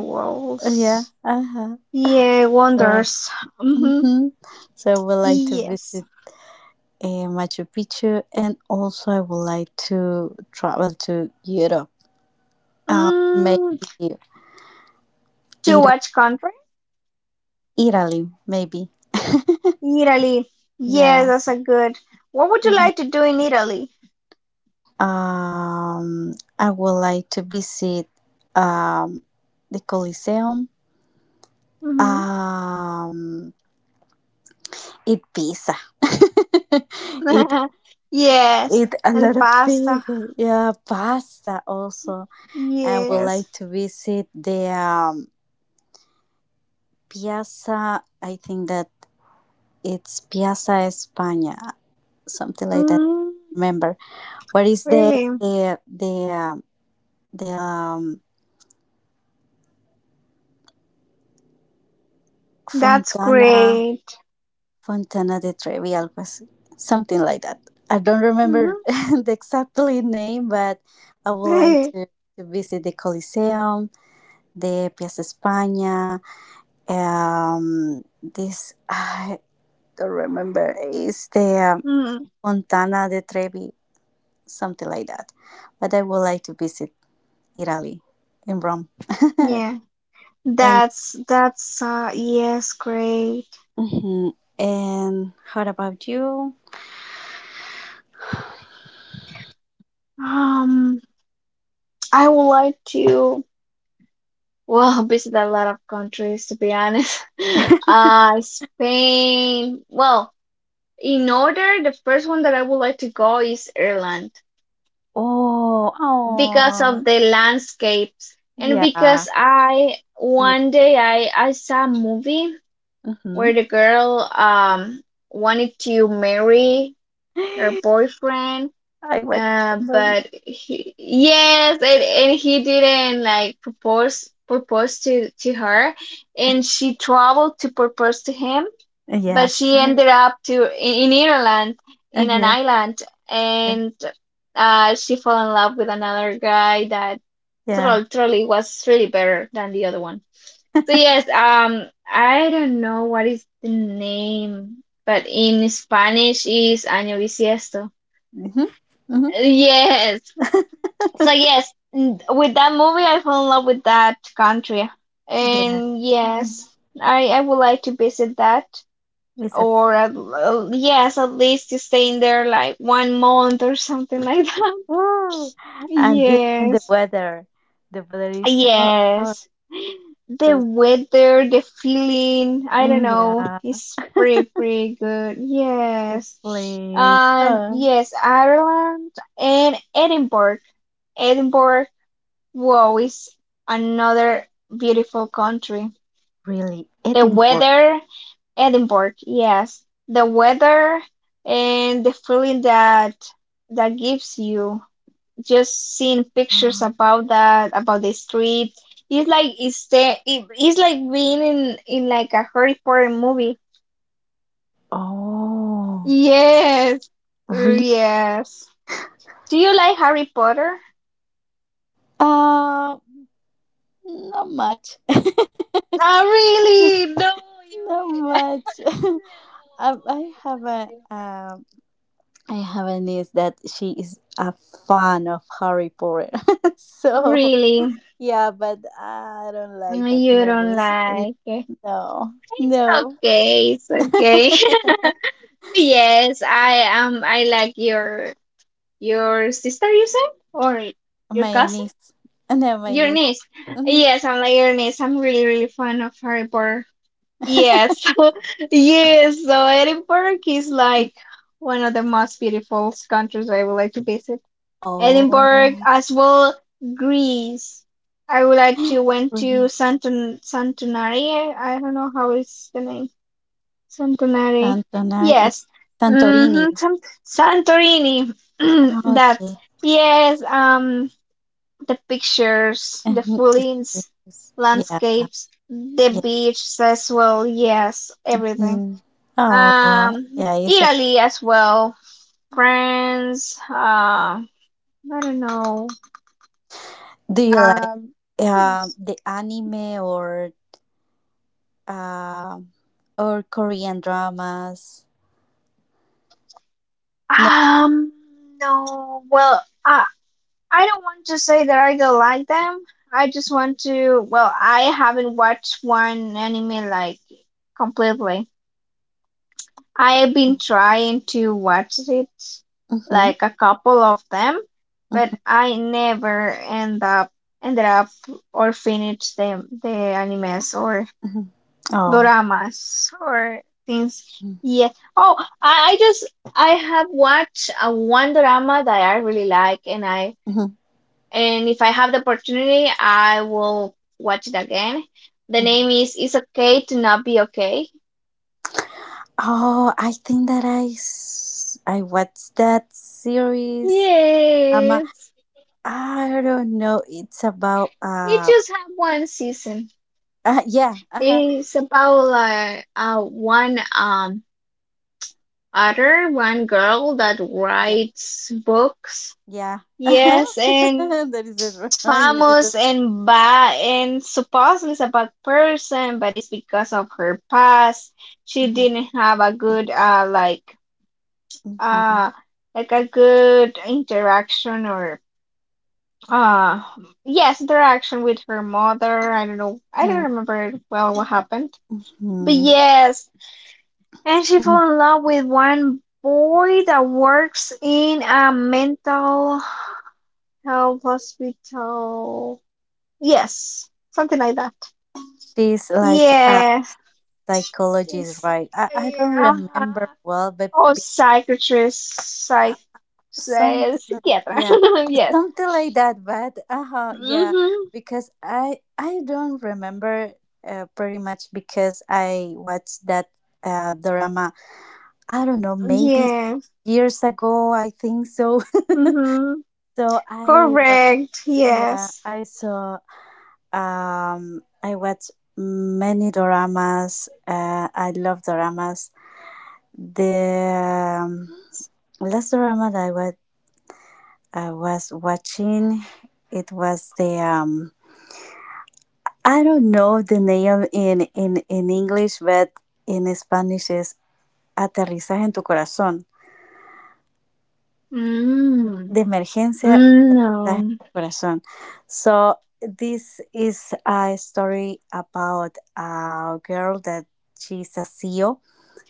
S2: Yeah,
S1: worlds.
S2: uh-huh.
S1: Yeah,
S2: So,
S1: wonders. Mm-hmm.
S2: hmm, so I would like to
S1: Yes.
S2: visit Machu Picchu, and also I would like to travel to Europe. Maybe
S1: Mm, to
S2: Ira,
S1: which country?
S2: Italy, maybe.
S1: Italy. Yes,
S2: Yeah.
S1: that's a good. What would you
S2: Mhm.
S1: like to do in Italy?
S2: Um, I would like to visit um the Colosseum. Um, eat pizza. Eat
S1: Mm-hmm. Yes,
S2: eat a
S1: and the
S2: lot of
S1: pasta.
S2: pizza. Yeah, pasta also. I would
S1: Yes.
S2: like to visit the Piazza. I think that it's Piazza España, something like that.
S1: Mm.
S2: Remember what is
S1: Really?
S2: the
S1: That's
S2: Fontana
S1: great.
S2: Fontana de Trevi, algo así. Something like that. I don't remember the exactly name, but I would like
S1: Mm-hmm.
S2: to visit the Coliseum, the Piazza España. This I don't remember. Is the
S1: Mm,
S2: Fontana de Trevi, something like that. But I would like to visit Italy in Rome.
S1: yeah.
S2: And
S1: That's yes, great.
S2: mhm. And what about you?
S1: Um, I would like to, well, visit a lot of countries, to be honest. Spain. Well, in order, the first one that I would like to go is Ireland
S2: Oh,
S1: because
S2: oh,
S1: of the landscapes, and
S2: yeah,
S1: because I
S2: beautiful.
S1: one day I saw a movie
S2: Hmm.
S1: where the girl wanted to marry her boyfriend
S2: I went to the movie.
S1: but he, yes, and he didn't like propose to her, and she traveled to propose to him,
S2: Yeah,
S1: but she
S2: uh-huh.
S1: ended up to in Ireland, in an
S2: Yeah,
S1: island,
S2: yeah,
S1: and she fell in love with another guy that
S2: yeah.
S1: truly was really better than the other one. So yes, I don't know what is the name, but in Spanish is Año Bisiesto.
S2: Hmm, hmm.
S1: Yes. So yes, with that movie, I fell in love with that country,
S2: Yeah,
S1: and
S2: mhm.
S1: yes, I would like to visit that,
S2: It's a.
S1: or yes, at least to stay in there like 1 month or something like that.
S2: Ooh. And
S1: Yes.
S2: the weather is so.
S1: Yes. The
S2: Just
S1: weather, the feeling, I don't
S2: mm,
S1: know,
S2: yeah,
S1: it's pretty, pretty good.
S2: the
S1: Yes.
S2: place.
S1: And yes, Ireland and Edinburgh. Edinburgh, wow, is another beautiful country.
S2: Really,
S1: The
S2: Edinburgh.
S1: weather, Edinburgh, yes. The weather and the feeling that that gives you just seeing pictures about that, about the street. It's like it's like being in like a Harry Potter movie.
S2: Oh,
S1: Yes,
S2: really?
S1: yes. Do you like Harry Potter?
S2: Uh, not much.
S1: Oh, really? No, you
S2: Not
S1: hate it.
S2: much. Um,
S1: No,
S2: I have a um, I have a niece that she is a fan of Harry Potter.
S1: I
S2: So
S1: Really?
S2: yeah, but I don't like that
S1: You don't
S2: movies.
S1: like it.
S2: No,
S1: It's
S2: no.
S1: okay, it's okay. Yes, I am. I like your sister, you said, or your
S2: My
S1: cousin?
S2: niece, no, my
S1: Your
S2: niece.
S1: niece.
S2: Mm-hmm.
S1: Yes, I'm like your niece. I'm really, really fan of Harry Potter. Yes. Yes. So Edinburgh is like one of the most beautiful countries I would like to visit. Edinburgh
S2: Oh,
S1: as well, Greece. I would like to went to
S2: Greece,
S1: Santonari. I don't know how is the name. Santonari.
S2: Santorini.
S1: Yes.
S2: Santorini.
S1: Mm-hmm. Santorini.
S2: Ah,
S1: That.
S2: okay.
S1: Yes. The pictures, the
S2: Mhm, it's
S1: fillings,
S2: precious. Yeah,
S1: landscapes, the
S2: yeah.
S1: beaches as well. Yes, everything.
S2: Mhm. Oh, yeah. It's a.
S1: Italy as well. France. I don't know.
S2: Do you like
S1: Um, yes.
S2: the anime um or Korean dramas? No.
S1: um, no. Well, I don't want to say that I don't like them. I just want to. Well, I haven't watched one anime like completely. I've been trying to watch it,
S2: Mm-hmm,
S1: like a couple of them, but
S2: mm-hmm,
S1: I never ended up or finish them, the animes or
S2: mm-hmm. Oh.
S1: dramas or things.
S2: Mm-hmm,
S1: Yeah. Oh, I have watched a one drama that I really like, and if I have the opportunity, I will watch it again. The
S2: hmm.
S1: name is "It's Okay to Not Be Okay."
S2: Oh, I think that I watched that series. Um, uh,
S1: Yes.
S2: I don't know. It's about
S1: It
S2: um.
S1: just have one season.
S2: Yeah. Uh huh.
S1: It's about like one other one girl that
S2: Yeah.
S1: writes books.
S2: Yeah. Uh-huh.
S1: Yes, and
S2: That is it.
S1: she's
S2: Right? Yeah, it's the
S1: famous
S2: story.
S1: and bad and supposedly a bad person, but it's because of her past. She
S2: Mm-hmm.
S1: didn't have
S2: Hmm,
S1: uh a good interaction or uh yes interaction with her mother. I don't know. I don't remember well what happened. But
S2: hmm,
S1: yes, and she
S2: hmm.
S1: fell in love with one boy that works in a mental health hospital. Yes, something like that.
S2: She's like a
S1: Yes,
S2: psychologist,
S1: it's,
S2: right? I don't
S1: yeah. Uh-huh.
S2: remember well, but
S1: Oh,
S2: uh, something like
S1: psychiatra.
S2: yeah,
S1: Yes.
S2: something like that. But uh huh. Yeah,
S1: Mm-hmm.
S2: because I don't remember pretty much because I watched that drama I don't know, maybe
S1: Yes.
S2: years ago, I think so.
S1: Mm-hmm.
S2: So
S1: Correct.
S2: yeah,
S1: Yes.
S2: I saw I watched many doramas. I love doramas. The last drama that I was watching, it was the I don't know the name in English, but in Spanish is Aterrizaje en tu corazón.
S1: Mm.
S2: De emergencia
S1: Mm.
S2: Ay,
S1: No.
S2: corazón. So this is a story about a girl that she's a CEO.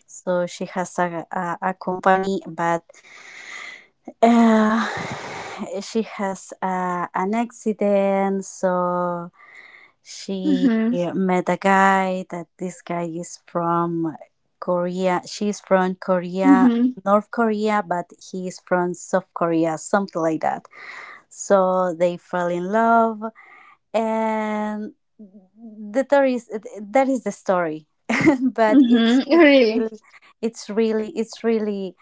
S2: So she has a company, but uh, she has an accident. So she met a guy that this guy is from Korea. She's from Korea,
S1: Mm-hmm.
S2: North Korea, but he's from South Korea, something like that. So they fell in love and the story is that is the story, but it's it's
S1: Really.
S2: really it's really it's really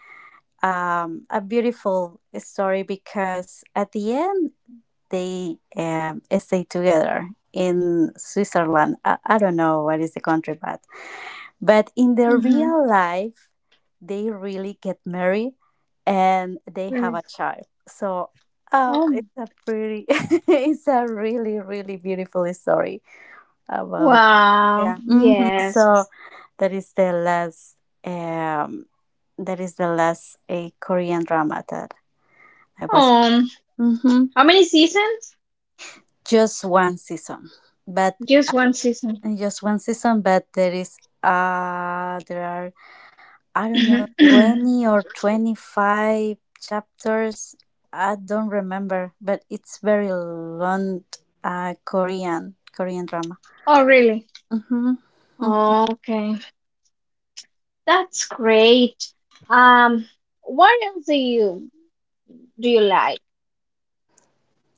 S2: um, a beautiful story because at the end they stay together in Switzerland. I don't know what is the country but in their
S1: hmm
S2: real life they really get married and they have
S1: Really.
S2: a child so oh
S1: Oh,
S2: it's a pretty it's a really really beautiful story about
S1: wow.
S2: yeah hmm
S1: Yes.
S2: so that is the last um that is the last a korean drama that I was
S1: Um,
S2: hmm
S1: how many seasons?
S2: just one season but
S1: Just
S2: uh,
S1: one season.
S2: just one season but there are I don't know 20 or 25 chapters I don't remember but it's very long korean korean drama.
S1: Oh, really?
S2: Mm-hmm. Mm-hmm.
S1: Okay. That's great. Um, what else do you like?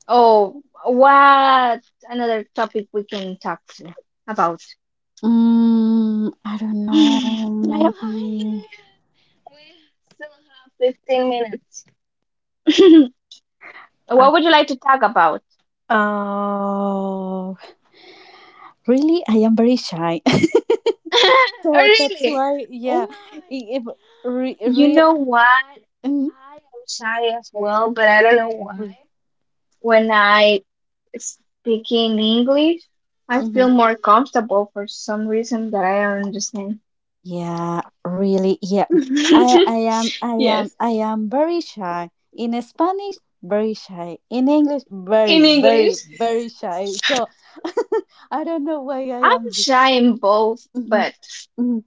S1: Oh, what another topic we can talk to about?
S2: Mm, I don't know.
S1: I don't have any
S2: Maybe.
S1: idea. We still have 15 minutes. What
S2: I,
S1: would you like to talk about?
S2: oh, really? I am very shy. So that's
S1: Really?
S2: why,
S1: Why?
S2: yeah. If re,
S1: You
S2: real,
S1: know what?
S2: mm,
S1: I am shy as well, but I don't know why.
S2: re,
S1: When I speak in English, I
S2: mhm.
S1: feel more comfortable for some reason that I don't understand.
S2: Yeah, really, yeah.
S1: Yes,
S2: I am very shy. In Spanish, very shy. In English,
S1: in English.
S2: very shy. So I don't know why I
S1: I'm
S2: am.
S1: shy in both, but
S2: The,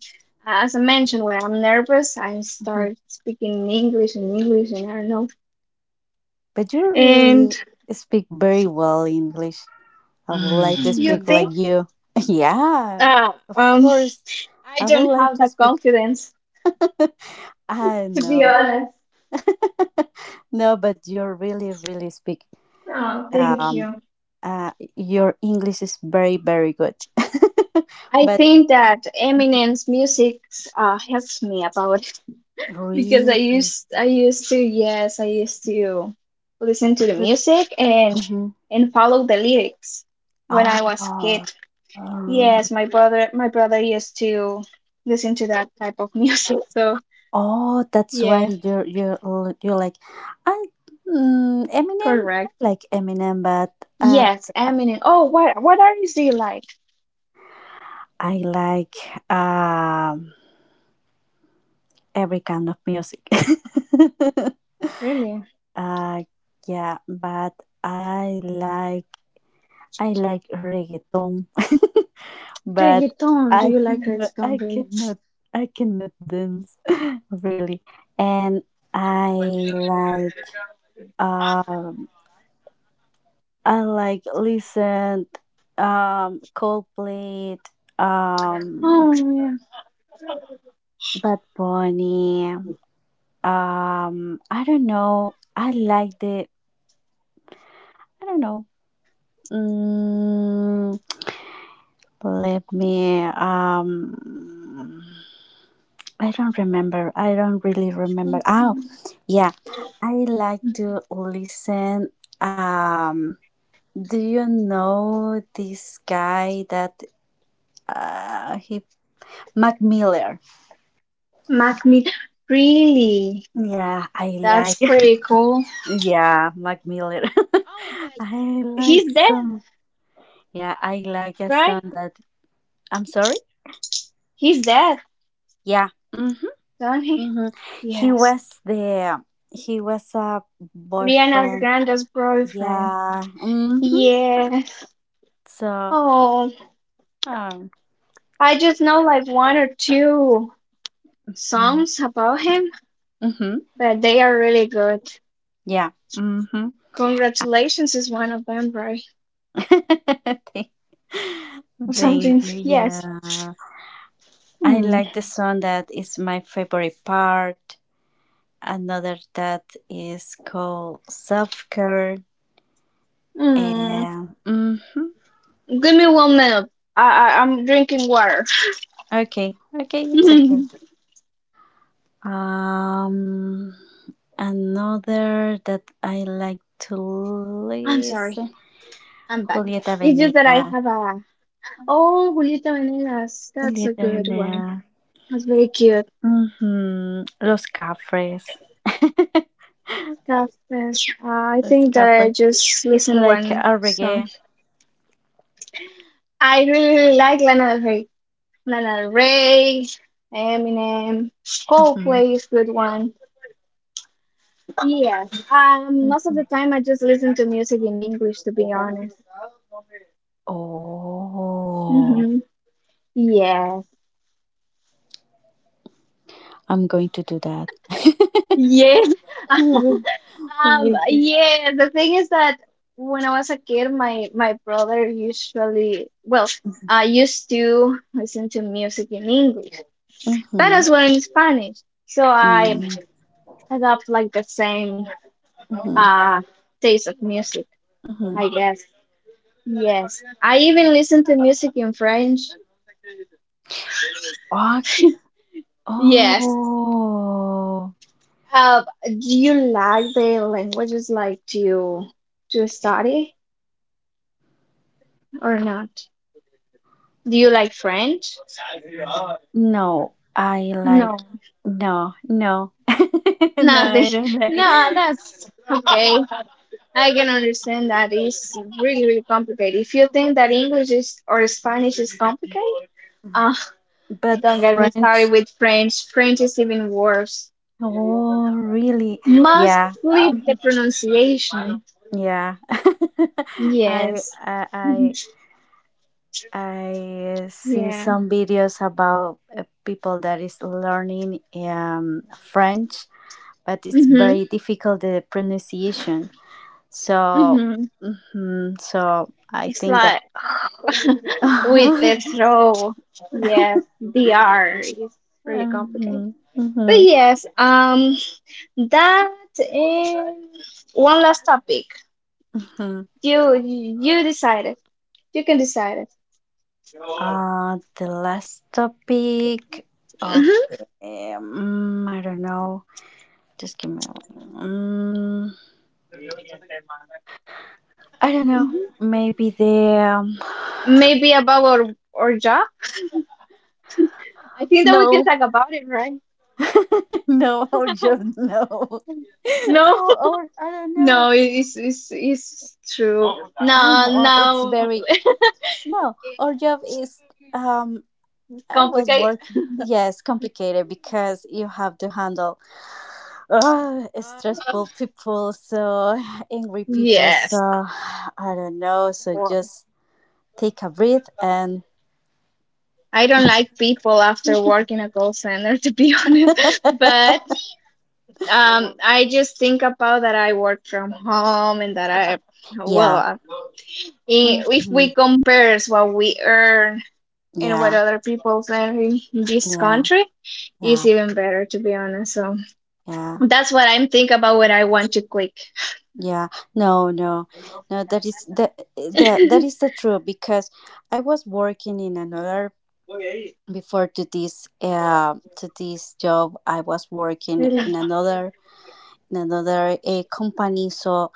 S1: as I mentioned, when I'm nervous, I start speaking in English and English, and I don't know.
S2: but you really
S1: And
S2: speak very well English. I would like to
S1: you
S2: speak
S1: think?
S2: like you. Yeah,
S1: Uh,
S2: of
S1: um,
S2: course.
S1: I
S2: I
S1: don't
S2: would like
S1: have
S2: to
S1: that
S2: speak.
S1: confidence,
S2: I
S1: to be
S2: know.
S1: honest.
S2: No, but you really, really speak.
S1: Oh, thank
S2: Um,
S1: you.
S2: your English is very, very good.
S1: I
S2: But
S1: think that Eminem's music helps me about it because
S2: really,
S1: I used to, listen to the music and
S2: mhm.
S1: and follow the lyrics when
S2: Oh,
S1: I was kid.
S2: oh,
S1: Yes, my brother used to listen to that type of music. So
S2: oh, that's why
S1: yeah.
S2: you're you're like, I
S1: Mm-hmm.
S2: Eminem. I
S1: Correct.
S2: like Eminem, but uh,
S1: Yes, Eminem. Oh, what artists do you like?
S2: I like um every kind of music.
S1: Really?
S2: uh, yeah, but I like I like reggaeton, but
S1: Reggaeton.
S2: I
S1: Do you like
S2: cannot I
S1: reggaeton really?
S2: cannot I cannot dance. Really, and I like. Um. I like listen Coldplay, um
S1: Oh yeah.
S2: Bad Bunny. Um I don't know. I like the I don't know. Mm, let me I don't remember. I don't really remember. Oh, yeah. I like to listen um do you know this guy that he Mac Miller.
S1: Mac Me. Really?
S2: Yeah, I like.
S1: That's pretty cool.
S2: Yeah, Mac Miller. I like
S1: He's dead,
S2: some. Yeah, I like a
S1: right?
S2: song that. I'm sorry.
S1: He's dead,
S2: Yeah. Mm-hmm,
S1: don't he?
S2: mm-hmm. He
S1: Yes.
S2: was the. He was a
S1: Ariana's
S2: boyfriend.
S1: Grande's boyfriend.
S2: Yeah. Mm-hmm.
S1: Yes.
S2: So.
S1: Oh,
S2: Um.
S1: I just know like one or two songs about him,
S2: Mm-hmm.
S1: but they are really good.
S2: Yeah. Mm-hmm.
S1: Congratulations is one of them, right?
S2: thank,
S1: Or something.
S2: thank you.
S1: Yes.
S2: Yeah. I
S1: Hmm.
S2: like the song that is my favorite part. Another that is called self-care
S1: Hmm.
S2: and mhm.
S1: Give me 1 minute. I'm drinking water.
S2: Okay, okay, it's okay. Um, another that I like to
S1: I'm sorry.
S2: listen,
S1: I'm back.
S2: Julieta
S1: It's just that I
S2: Venegas.
S1: have a oh, Julieta Venegas. That's a
S2: Julieta
S1: good one.
S2: Venegas.
S1: That's very cute.
S2: Mm-hmm. Los Cafres.
S1: I
S2: Los
S1: think that
S2: Cafres.
S1: I just
S2: It's
S1: listened
S2: like
S1: one
S2: a
S1: song.
S2: reggae.
S1: I really, really like Lana Del Rey. Lana Del Rey, Eminem,
S2: Mm-hmm.
S1: Coldplay is a good one. Yes. Most of
S2: Mm-hmm.
S1: the time I just listen to music in English. To be honest.
S2: Oh,
S1: Mm-hmm. Yeah.
S2: I'm going to do that.
S1: Yes.
S2: Vicky.
S1: Yeah, the thing is that when I was a kid, my brother usually, well,
S2: Mm-hmm.
S1: I used to listen to music in English, but
S2: Mm-hmm.
S1: as well in Spanish. So I
S2: Mm-hmm.
S1: adopt like the same uh taste of music,
S2: Mm-hmm.
S1: I guess. Yes. I even listen to music in French.
S2: Oh,
S1: Yes.
S2: oh.
S1: Do you like the languages like to study? Or not? Do you like French?
S2: No, I like.
S1: No.
S2: No, no. No,
S1: Nothing.
S2: I don't like.
S1: No, that's okay. I can understand that is really, really complicated. If you think that English is or Spanish is complicated, uh,
S2: But
S1: don't get me started
S2: French.
S1: with French. French is even worse.
S2: Oh, really? Yeah.
S1: Mostly the
S2: Mhm.
S1: pronunciation.
S2: Yeah. I,
S1: Yes.
S2: I, I. I see
S1: Yeah.
S2: some videos about people that is learning French, but it's
S1: Mm-hmm.
S2: very difficult, the pronunciation. So,
S1: Mm-hmm.
S2: mhm, so I
S1: It's
S2: think that.
S1: like with the throw. Yes, DR is really complicated.
S2: Mhm,
S1: But
S2: mhm,
S1: yes, that and one last topic.
S2: mhm.
S1: You decided. You can decide it.
S2: The last topic. Okay, I don't know. Just give me. I don't
S1: hmm
S2: know.
S1: hmm
S2: Maybe the um,
S1: Maybe about our job. I think that we can
S2: no,
S1: talk about it, right?
S2: no, or just no, or,
S1: No,
S2: or I don't know.
S1: no, it's true.
S2: I
S1: No,
S2: know it's
S1: no,
S2: very. No, our job is, um
S1: it's
S2: I was
S1: complicated.
S2: working. Yes, complicated, because you have to handle
S1: Uh,
S2: stressful people, so angry people. So
S1: Yes.
S2: I don't know. So
S1: Well,
S2: just take a breath and
S1: I don't like people after work in a call center, to be honest. But I just think about that I work from home and that well,
S2: yeah,
S1: if
S2: hmm
S1: we compare what we earn and what
S2: yeah,
S1: other people earn in this
S2: yeah,
S1: country, it's
S2: yeah,
S1: even better, to be honest. So
S2: yeah,
S1: that's what I'm think about when I want to quit.
S2: yeah. No, no, no. That is the the that is the truth, because I was working in another before, to this job. i was working
S1: Really,
S2: in another in another uh, company. So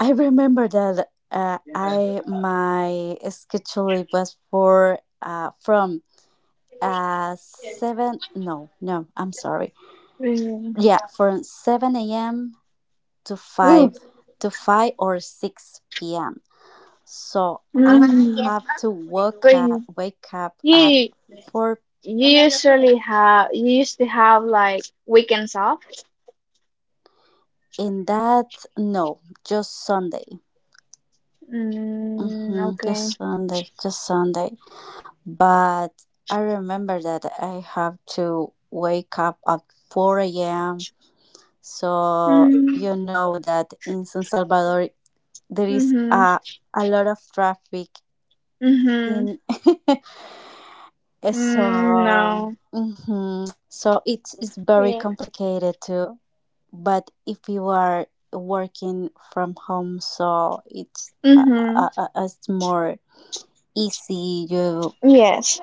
S2: I remember that I my schedule was for from 7. No, no, I'm sorry.
S1: really.
S2: Yeah, from 7 a.m to 5
S1: Ooh.
S2: or 6 p.m. So
S1: Mm.
S2: I have to wake
S1: But
S2: up wake up at
S1: yeah,
S2: 4.
S1: You used to have like weekends off.
S2: In that, no, just Sunday.
S1: Mm,
S2: Just
S1: okay.
S2: Sunday, just Sunday. But I remember that I have to wake up at 4 a.m. So
S1: Mm,
S2: you know that in San Salvador there is
S1: mhm.
S2: a lot of traffic
S1: Mhm.
S2: in.
S1: Mm,
S2: So,
S1: no.
S2: mhm. so it's very
S1: Yeah.
S2: complicated to. But if you are working from home, so it's uh,
S1: Mhm.
S2: uh, uh, it's more easy. You
S1: Yes.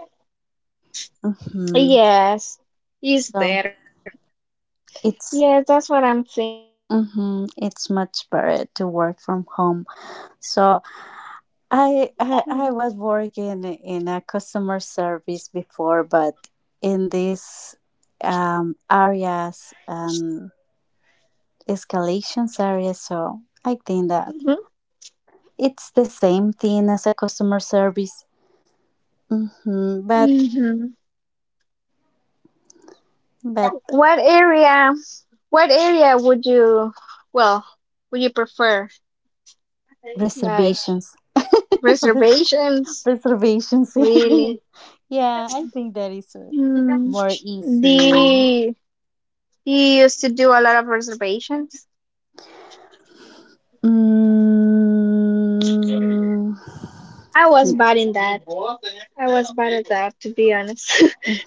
S2: hmm
S1: Yes. It's
S2: So
S1: better. Yeah,
S2: it's,
S1: that's what I'm thinking
S2: hmm
S1: about it.
S2: it's
S1: To be
S2: much
S1: honest, it's a
S2: better to
S1: good
S2: work
S1: job.
S2: from home. So I,
S1: Mhm.
S2: I i was working in a customer service before, but in these areas and escalations areas. So I think that it's the same thing as a customer service. hmm But
S1: Mhm. Yeah.
S2: but
S1: What area? What area would you? Well, would you prefer? Like
S2: reservations. Res-
S1: reservations?
S2: reservations.
S1: Really?
S2: Yeah, I think that is
S1: Mm,
S2: more easy.
S1: they they used to do a lot of reservations.
S2: Mm.
S1: I was bad in that. I was bad at that, to be honest.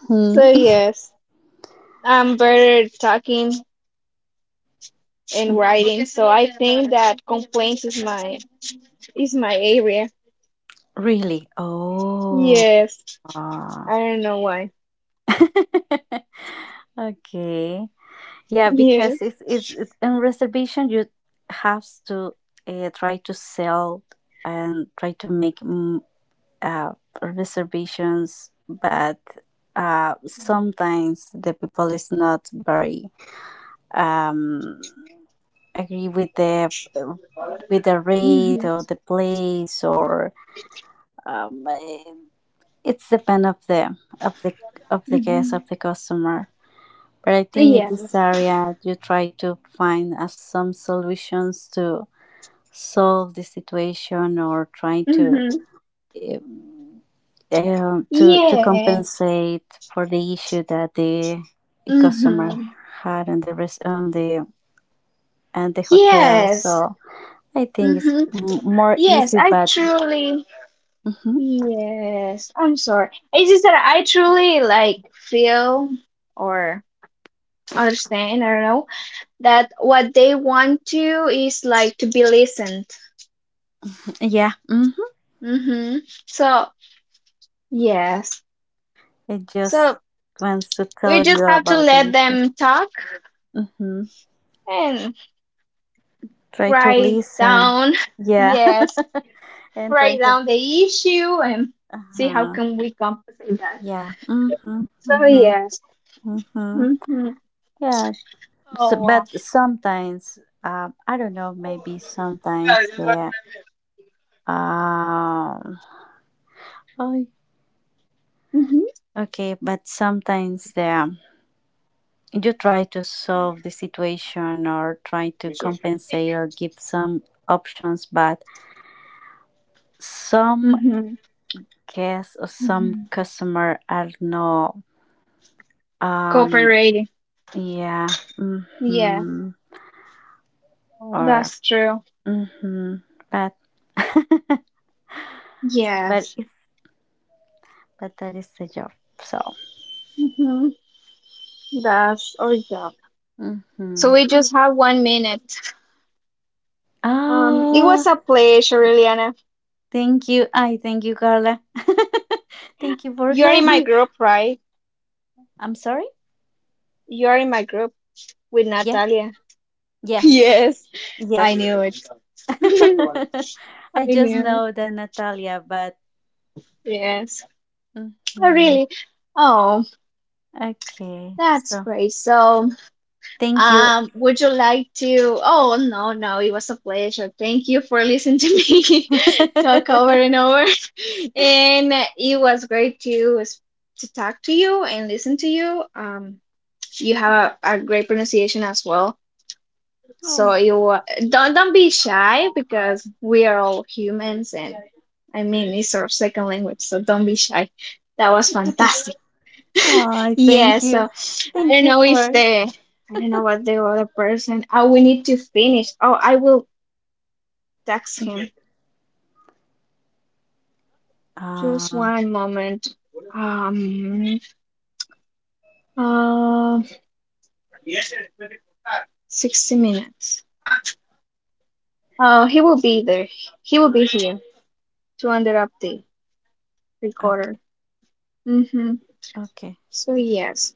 S1: So yes, I'm better at talking and writing. So I think that complaints is my area.
S2: Really? Oh.
S1: Yes, I don't know why.
S2: Okay. Yeah,
S1: Yes.
S2: because it's in reservation you have to try to sell and try to make uh, reservations. But sometimes the people is not very um, agree with the rate,
S1: Mhm.
S2: or the place, or um, eh, it's depend of of the the guest of
S1: Mhm.
S2: the customer. But I think in this
S1: Yes.
S2: area you try to find some solutions to solve the situation, or try to
S1: Mhm.
S2: uh,
S1: Yes.
S2: compensate for the issue that the customer
S1: Mhm.
S2: had on the, and the hotel.
S1: Yes.
S2: So I think it's
S1: Mhm.
S2: more
S1: Yes.
S2: easy.
S1: I
S2: But
S1: truly
S2: hmm
S1: Yes, I'm sorry. It's just that I truly like feel or understand, I don't know, that what they want to is like to be listened.
S2: yeah,
S1: Mm-hmm. So, yes.
S2: it just
S1: So
S2: wants to
S1: we
S2: tell
S1: just
S2: you
S1: have to
S2: about the
S1: let
S2: issue.
S1: them talk
S2: hmm
S1: and
S2: Try to
S1: write
S2: listen.
S1: down,
S2: Yeah,
S1: yes,
S2: and
S1: write
S2: try to.
S1: down the issue and see how
S2: Uh-huh.
S1: can we compensate that.
S2: Yeah, mm-hmm.
S1: So,
S2: Mm-hmm.
S1: yes.
S2: Mm-hmm.
S1: Mm-hmm.
S2: Yeah. So,
S1: Oh, wow.
S2: but sometimes. I don't know. Maybe sometimes the. Um, oh,
S1: Mm-hmm.
S2: okay, but sometimes, yeah, you try to solve the situation, or try to compensate, or give some options, but some
S1: Mm-hmm.
S2: guests or some
S1: Mm-hmm.
S2: customer are no. Um,
S1: Cooperating.
S2: yeah,
S1: Yeah,
S2: mm-hmm, or
S1: that's true.
S2: mm-hmm. But but
S1: Yes.
S2: it's, but that is the job. So,
S1: hmm That's our job.
S2: mm-hmm.
S1: So we just have 1 minute. It was
S2: Ah,
S1: a pleasure, Liliana.
S2: thank you. I Thank you, Carla. Thank you for
S1: You're in my
S2: helping.
S1: group, right?
S2: I'm sorry?
S1: You're in my group with
S2: Yeah.
S1: Natalia.
S2: Yes.
S1: Yes, I
S2: Yes.
S1: knew it.
S2: I
S1: I
S2: just
S1: knew it.
S2: know the Natalia, but
S1: Yes. Oh,
S2: mhm.
S1: really? Oh,
S2: okay.
S1: that's
S2: So
S1: great. So.
S2: thank you.
S1: Would you like to? Oh, no, no, it was a pleasure. Thank you for listening to me talk over and over. And it was great to talk to you and listen to you. You have a great pronunciation as well.
S2: Oh.
S1: So you, don't be shy, because we are all humans, and I mean it's our second language, so don't be shy. That was fantastic.
S2: Oh,
S1: Yeah,
S2: thank you.
S1: so I
S2: Thank
S1: don't
S2: you
S1: know if
S2: for.
S1: the I don't know what the other person. Oh, we need to finish. Oh, I will text him. Just
S2: Ah,
S1: one moment. Um, uh, 60 minutes. Oh, he will be there. He will be here to under update recorder.
S2: okay.
S1: Mm-hmm.
S2: Okay.
S1: So yes.